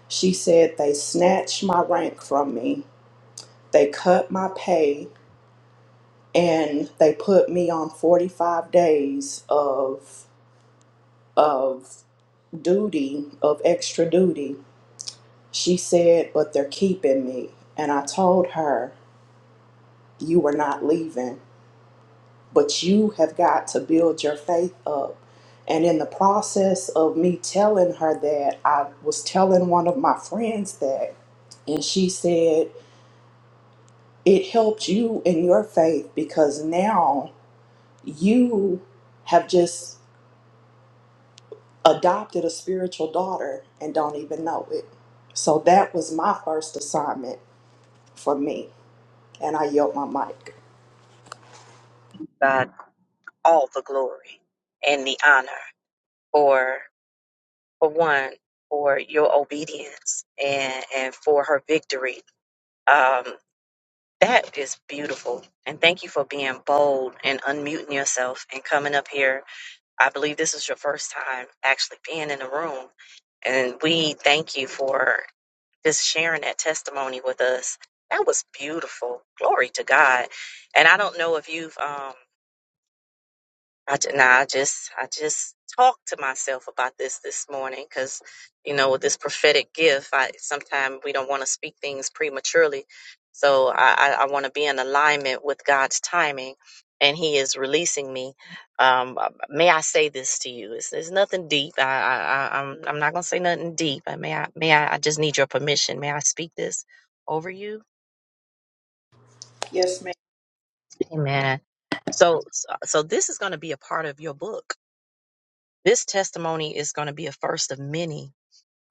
[SPEAKER 12] She said, They snatched my rank from me, they cut my pay, and they put me on 45 days of of duty of extra duty she said but they're keeping me and i told her you were not leaving but you have got to build your faith up and in the process of me telling her that i was telling one of my friends that and she said, It helped you in your faith because now you have just adopted a spiritual daughter and don't even know it. So that was my first assignment for me. And I yield my mic.
[SPEAKER 1] Uh, and for for one for your kids and, and for her victory. Um beautiful. And thank you for being bold and unmuting yourself and coming up here I believe this is your first time actually being in the room. And we thank you for just sharing that testimony with us. That was beautiful. Glory to God. And I don't know if you've um, I, j- nah, I just I just talked to myself about this this morning because you know with this prophetic gift, I sometimes we don't want to speak things prematurely, so I I, I want to be in alignment with God's timing, and He is releasing me. Um, uh, may I say this to you? It's, it's nothing deep. I, I I I'm I'm not gonna say nothing deep. I may I may I, I just need your permission. May I speak this over you? Amen. So so so this is gonna be a part of your book This testimony is going to be a first of many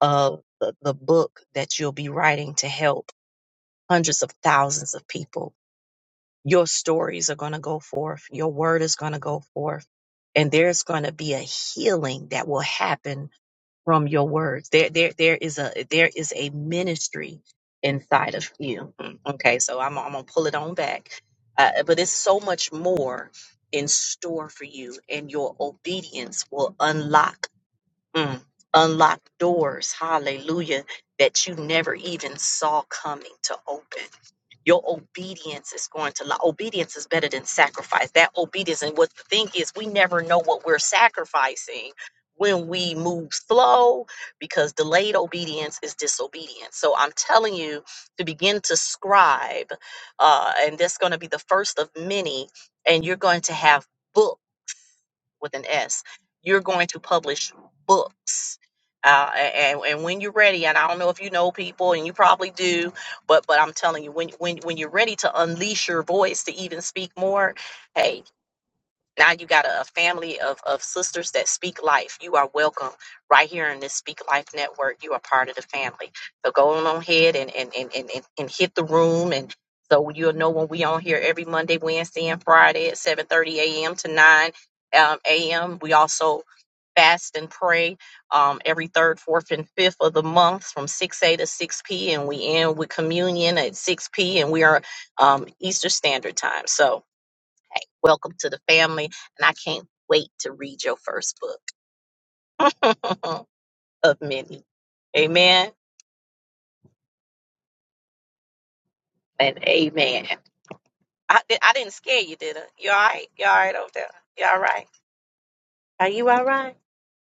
[SPEAKER 1] of the, the book that you'll be writing to help hundreds of thousands of people. Your stories are going to go forth, your word is going to go forth, and there's going to be a healing that will happen from your words. There there there is a there is a ministry inside of you. Mm, Okay, so I'm I'm going to pull it on back. Uh, but it's so much more in store for you and your obedience will unlock Mm. Unlock doors, hallelujah, that you never even saw coming to open. Your obedience is going to lo- Obedience is better than sacrifice. That obedience, and what the thing is, we never know what we're sacrificing when we move slow because delayed obedience is disobedience. So I'm telling you to begin to scribe, uh, and that's going to be the first of many, and you're going to have. books with an S. You're going to publish books. Uh, and, and when you're ready, and I don't know if you know people, and you probably do, but but I'm telling you, when when when you're ready to unleash your voice to even speak more, hey. Now you got a, a family of, of sisters that speak life. You are welcome right here in this Speak Life Network. You are part of the family. So go on ahead and, and, and, and, and, and hit the room. And so you'll know when we on here every Monday, Wednesday, and Friday at 7.30 a.m. to 9 um, a.m. We also fast and pray um, every third, fourth, and fifth of the month from 6A to 6P. And we end with communion at 6P. And we are um, Easter Standard Time. So Welcome to the family. And I can't wait to read your first book of many. Amen and amen. I, di- I didn't scare you, did I? You all right? You all right over there? You all right? Are you all right?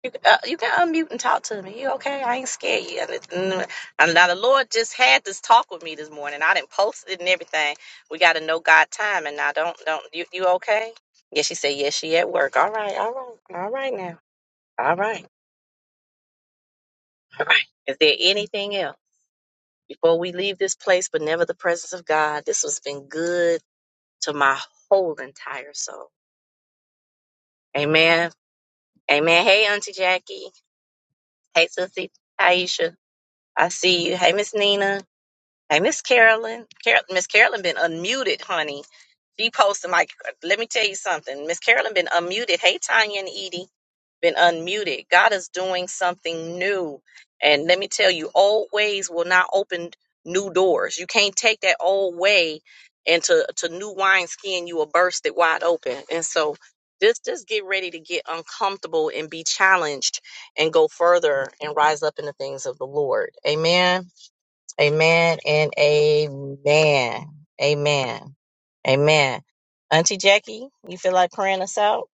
[SPEAKER 1] You, uh, you can unmute and talk to me. You okay? I ain't scared you. And, it- mm, and now the Lord just had this talk with me this morning. I didn't post it and everything. We got to know God time. And now don't, don't, you, you okay? Yes, she said, yes, she at work. All right, all right, all right now. All right, all right. Is there anything else? before we leave this place, but never the presence of God. This has been good to my whole entire soul. Amen. Amen. Hey, Auntie Jackie. Hey, Sissy. Aisha. I see you. Hey, Miss Nina. Hey, Miss Carolyn. Carol- Miss Carolyn been unmuted, honey. She posted my. Let me tell you something. Miss Carolyn been unmuted. Hey, Tanya and Edie, been unmuted. God is doing something new, and let me tell you, old ways will not open new doors. You can't take that old way into to new wineskin. You will burst it wide open. And so, just just get ready to get uncomfortable and be challenged, and go further and rise up in the things of the Lord. Amen. Amen and amen. Amen. Amen. Auntie Jackie, you feel like praying us out?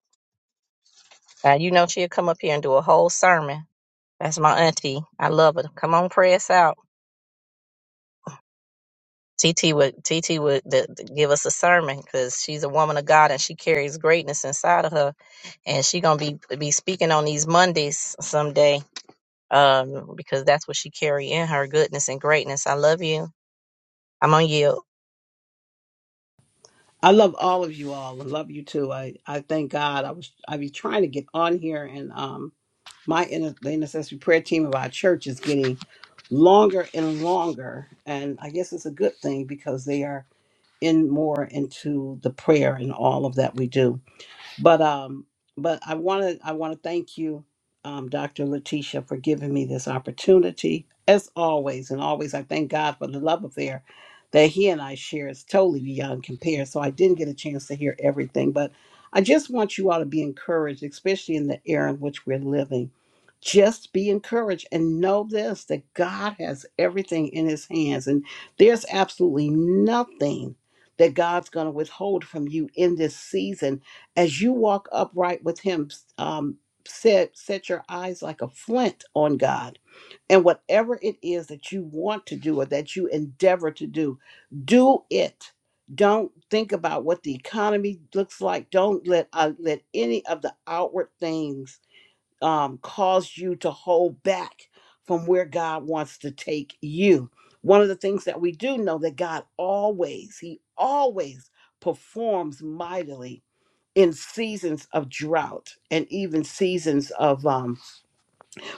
[SPEAKER 1] Now, you know she'll come up here and do a whole sermon. That's my auntie. I love her. Come on, pray us out. T T would T T would th- th- give us a sermon because she's a woman of God and she carries greatness inside of her, and she gonna be be speaking on these Mondays someday um, because that's what she carry in her goodness and greatness. I love you. I'm on you.
[SPEAKER 13] I love all of you all. I love you too. I, I thank God. I was I be trying to get on here, and um, my inter- the intercessory prayer team of our church is getting longer and longer, and I guess it's a good thing because they are in more into the prayer and all of that we do. But um, but I want to I want to thank you, um, Dr. Letitia, for giving me this opportunity. As always, and always, I thank God for the love affair that He and I share. is totally beyond compare. So I didn't get a chance to hear everything, but I just want you all to be encouraged, especially in the era in which we're living. Just be encouraged and know this that God has everything in His hands, and there's absolutely nothing that God's going to withhold from you in this season as you walk upright with him um, set set your eyes like a flint on god and whatever it is that you want to do or that you endeavor to do do it don't think about what the economy looks like don't let uh, let any of the outward things um, cause you to hold back from where god wants to take you one of the things that we do know that god always he always performs mightily in seasons of drought and even seasons of um,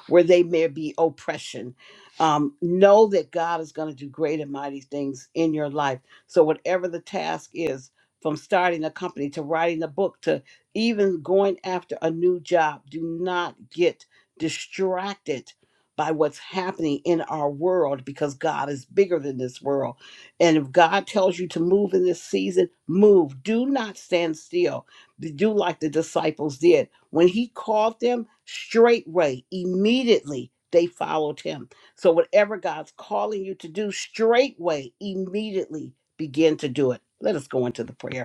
[SPEAKER 13] where they may be oppression. Um, know that God is going to do great and mighty things in your life. So, whatever the task is, from starting a company to writing a book to even going after a new job, do not get distracted by what's happening in our world because God is bigger than this world. And if God tells you to move in this season, move. Do not stand still to do like the disciples did. When he called them straightway, immediately they followed him. So whatever God's calling you to do straightway, immediately begin to do it. Let us go into the prayer.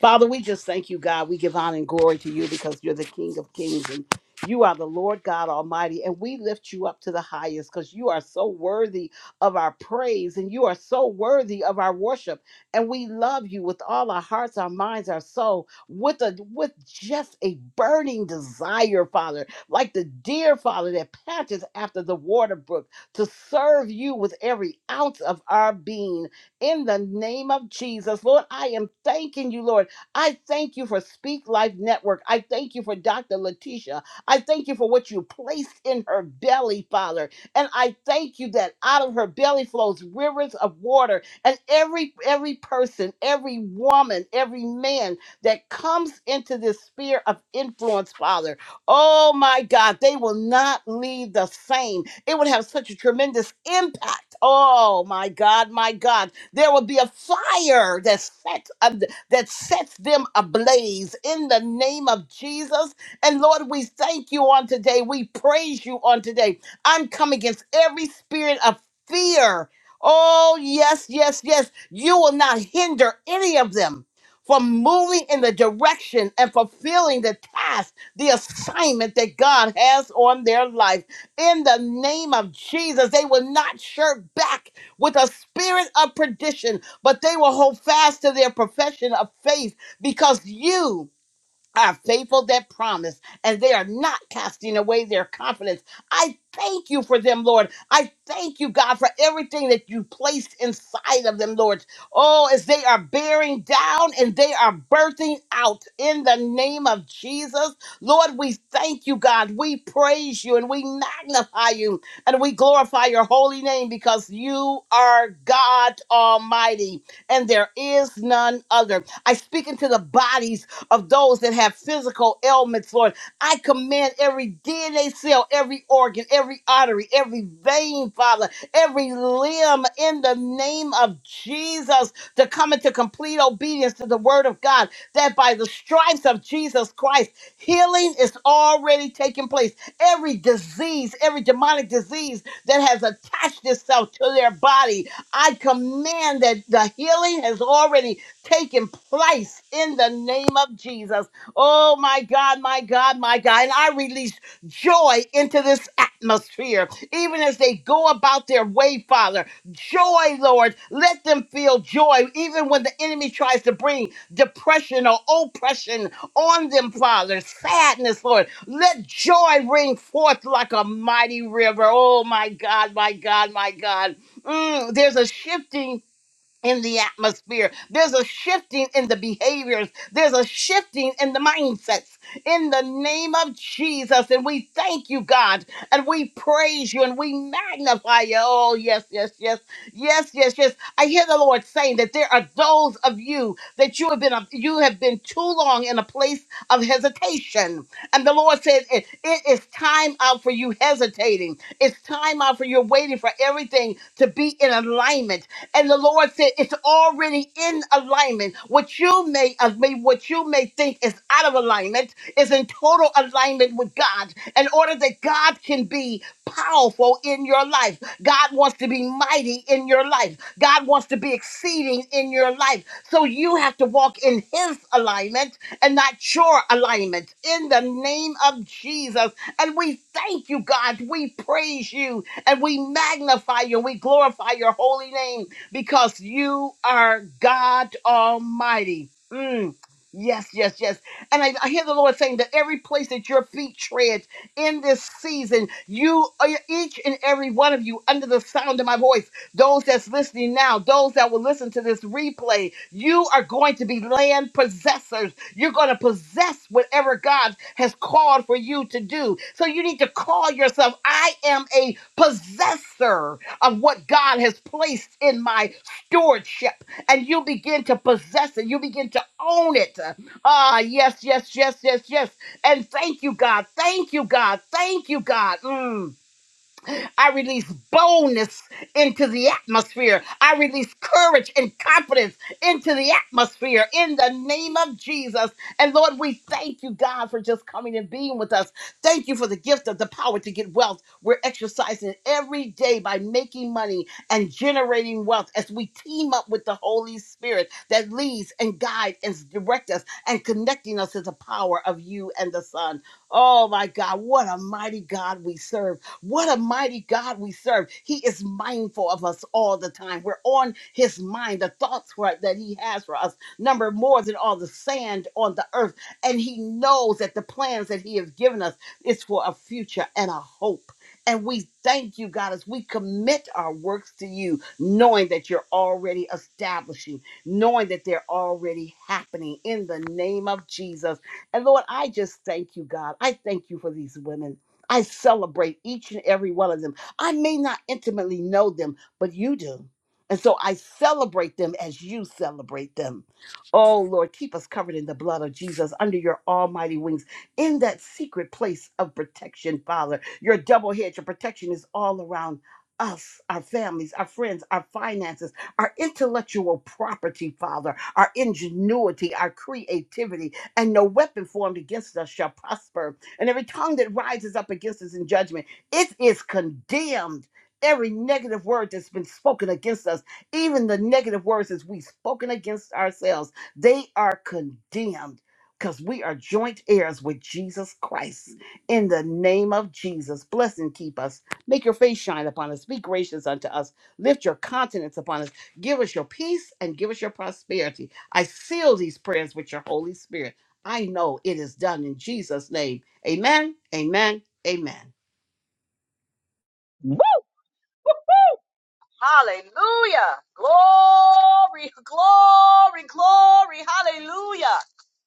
[SPEAKER 13] Father, we just thank you, God. We give honor and glory to you because you're the King of kings and you are the Lord God Almighty. And we lift you up to the highest because you are so worthy of our praise and you are so worthy of our worship. And we love you with all our hearts, our minds, our soul, with a with just a burning desire, Father, like the deer, Father, that patches after the water brook to serve you with every ounce of our being in the name of Jesus. Lord, I am thanking you, Lord I thank you for Speak Life Network. I thank you for Dr. Letitia. I thank you for what you placed in her belly, Father. And I thank you that out of her belly flows rivers of water. And every every person, every woman, every man that comes into this sphere of influence, Father, oh my God, they will not leave the same. It would have such a tremendous impact. Oh my God, my God there will be a fire that sets ab- that sets them ablaze in the name of Jesus. And Lord, we thank you on today. We praise you on today. I'm coming against every spirit of fear. Oh, yes, yes, yes. You will not hinder any of them from moving in the direction and fulfilling the task, the assignment that God has on their life. In the name of Jesus, they will not shirk back with a spirit of perdition, but they will hold fast to their profession of faith because you are faithful that promise, and they are not casting away their confidence. I thank you for them, Lord. I thank you, God, for everything that you placed inside of them, Lord. Oh, as they are bearing down and they are birthing out in the name of Jesus. Lord, we thank you, God. We praise you and we magnify you and we glorify your holy name because you are God Almighty and there is none other. I speak into the bodies of those that have physical ailments, Lord. I command every DNA cell, every organ, every artery, every vein, Father, every limb in the name of Jesus to come into complete obedience to the word of God, that by the stripes of Jesus Christ, healing is already taking place. Every disease, every demonic disease that has attached itself to their body, I command that the healing has already taking place in the name of Jesus. Oh my God, my God, my God. And I release joy into this atmosphere, even as they go about their way, Father. Joy, Lord. Let them feel joy, even when the enemy tries to bring depression or oppression on them, Father. Sadness, Lord. Let joy ring forth like a mighty river. Oh my God, my God, my God. Mm, there's a shifting in the atmosphere. There's a shifting in the behaviors. There's a shifting in the mindsets in the name of Jesus. And we thank you, God, and we praise you and we magnify you. Oh, yes, yes, yes, yes, yes, yes. I hear the Lord saying that there are those of you that you have been you have been too long in a place of hesitation. And the Lord said it, it is time out for you hesitating. It's time out for you waiting for everything to be in alignment and the Lord said, it's already in alignment. What you may, uh, may what you may think is out of alignment is in total alignment with God in order that God can be powerful in your life. God wants to be mighty in your life. God wants to be exceeding in your life. So you have to walk in his alignment and not your alignment in the name of Jesus. And we thank you, God. We praise you and we magnify you we glorify your holy name because you are God Almighty. Mm. Yes, yes, yes. And I, I hear the Lord saying that every place that your feet tread in this season, you, uh, each and every one of you, under the sound of my voice, those that's listening now, those that will listen to this replay, you are going to be land possessors. You're going to possess whatever God has called for you to do. So you need to call yourself, I am a possessor of what God has placed in my stewardship. And you begin to possess it. You begin to own it. Ah, yes, yes, yes, yes, yes. And thank you, God. Thank you, God. Thank you, God. Mm. I release boldness into the atmosphere. I release courage and confidence into the atmosphere in the name of Jesus. And Lord, we thank you, God, for just coming and being with us. Thank you for the gift of the power to get wealth. We're exercising every day by making money and generating wealth as we team up with the Holy Spirit that leads and guides and directs us and connecting us to the power of you and the Son. Oh my God, what a mighty God we serve. What a mighty God we serve. He is mindful of us all the time. We're on his mind, the thoughts for, that he has for us number more than all the sand on the earth. And he knows that the plans that he has given us is for a future and a hope. And we thank you, God, as we commit our works to you, knowing that you're already establishing, knowing that they're already happening in the name of Jesus. And Lord, I just thank you, God. I thank you for these women. I celebrate each and every one of them. I may not intimately know them, but you do. And so I celebrate them as you celebrate them. Oh, Lord, keep us covered in the blood of Jesus under your almighty wings in that secret place of protection, Father. Your double hedge of protection is all around us, our families, our friends, our finances, our intellectual property, Father, our ingenuity, our creativity, and no weapon formed against us shall prosper and every tongue that rises up against us in judgment, it is condemned. Every negative word that's been spoken against us, even the negative words as we've spoken against ourselves, they are condemned because we are joint heirs with Jesus Christ. In the name of Jesus, bless and keep us. Make your face shine upon us. Be gracious unto us. Lift your countenance upon us. Give us your peace and give us your prosperity. I seal these prayers with your Holy Spirit. I know it is done in Jesus' name. Amen. Amen. Amen.
[SPEAKER 1] Hallelujah. Glory, glory, glory. Hallelujah.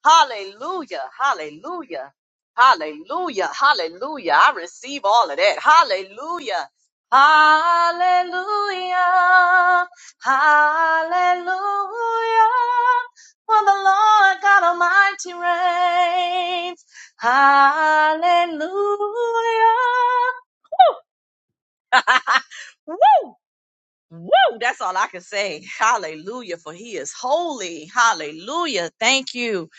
[SPEAKER 1] Hallelujah. Hallelujah. Hallelujah. Hallelujah. I receive all of that. Hallelujah. Hallelujah. Hallelujah. For the Lord God Almighty reigns. Hallelujah. Woo! That's all I can say. Hallelujah, for he is holy. Hallelujah. Thank you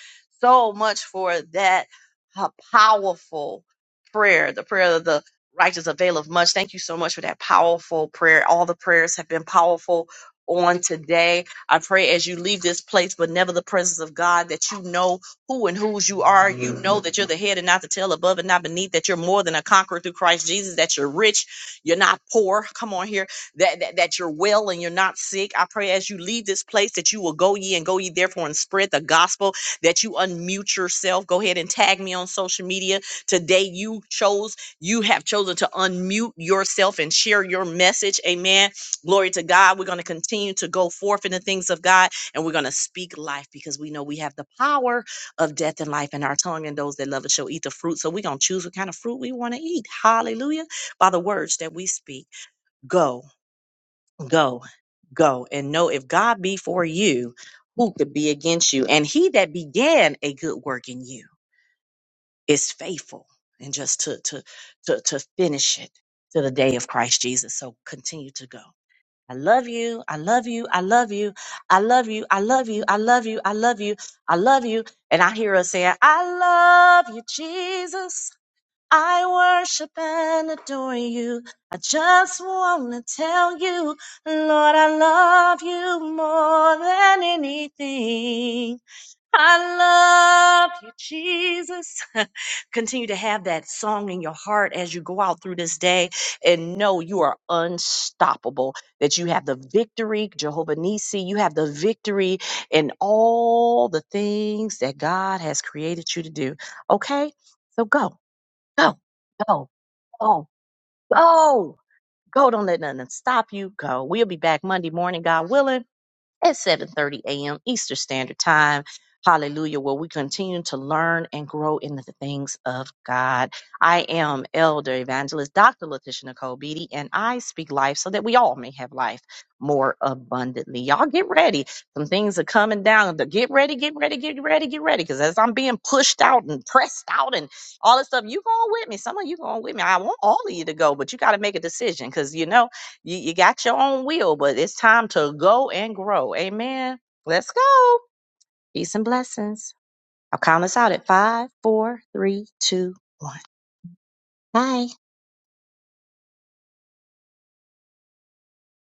[SPEAKER 1] so much for that a powerful prayer. The prayer of the righteous availeth much. Thank you so much for that powerful prayer. All the prayers have been powerful on today. I pray as you leave this place, but never the presence of God, that you know who and whose you are. You know that you're the head and not the tail, above and not beneath, that you're more than a conqueror through Christ Jesus, that you're rich, you're not poor. Come on here that, that that you're well and you're not sick. I pray as you leave this place that you will go ye and go ye therefore and spread the gospel that you unmute yourself. Go ahead and tag me on social media. Today you chose, you have chosen to unmute yourself and share your message. Amen. Glory to God. We're going to continue to go forth in the things of God and we're going to speak life because we know we have the power of death and life in our tongue and those that love it shall eat the fruit. So we're going to choose what kind of fruit we want to eat. Hallelujah. By the words that we speak. Go go go and know if god be for you who could be against you and he that began a good work in you is faithful and just to to to, to finish it to the day of christ jesus so continue to go I love you. I love you. I love you. I love you. I love you. I love you. I love you. I love you. And I hear us saying, I love you, Jesus. I worship and adore you. I just want to tell you, Lord, I love you more than anything. I love you, Jesus. Continue to have that song in your heart as you go out through this day and know you are unstoppable, that you have the victory, Jehovah Nisi, you have the victory in all the things that God has created you to do. Okay? So go. Go, go, go, go. Go. Don't let nothing stop you. Go. We'll be back Monday morning, God willing at 7:30 a.m. Eastern Standard Time. Hallelujah, where we continue to learn and grow into the things of God. I am Elder Evangelist Dr. Letitia Nicole Beatty, and I speak life so that we all may have life more abundantly. Y'all get ready. Some things are coming down. The- Get ready, get ready, get ready, get ready. Because as I'm being pushed out and pressed out and all this stuff, you going with me. Some of you going with me. I want all of you to go, but you got to make a decision because you know you you got your own will, but it's time to go and grow. Amen. Let's go. Peace and blessings. I'll count us out at five, four, three, two, one. Bye.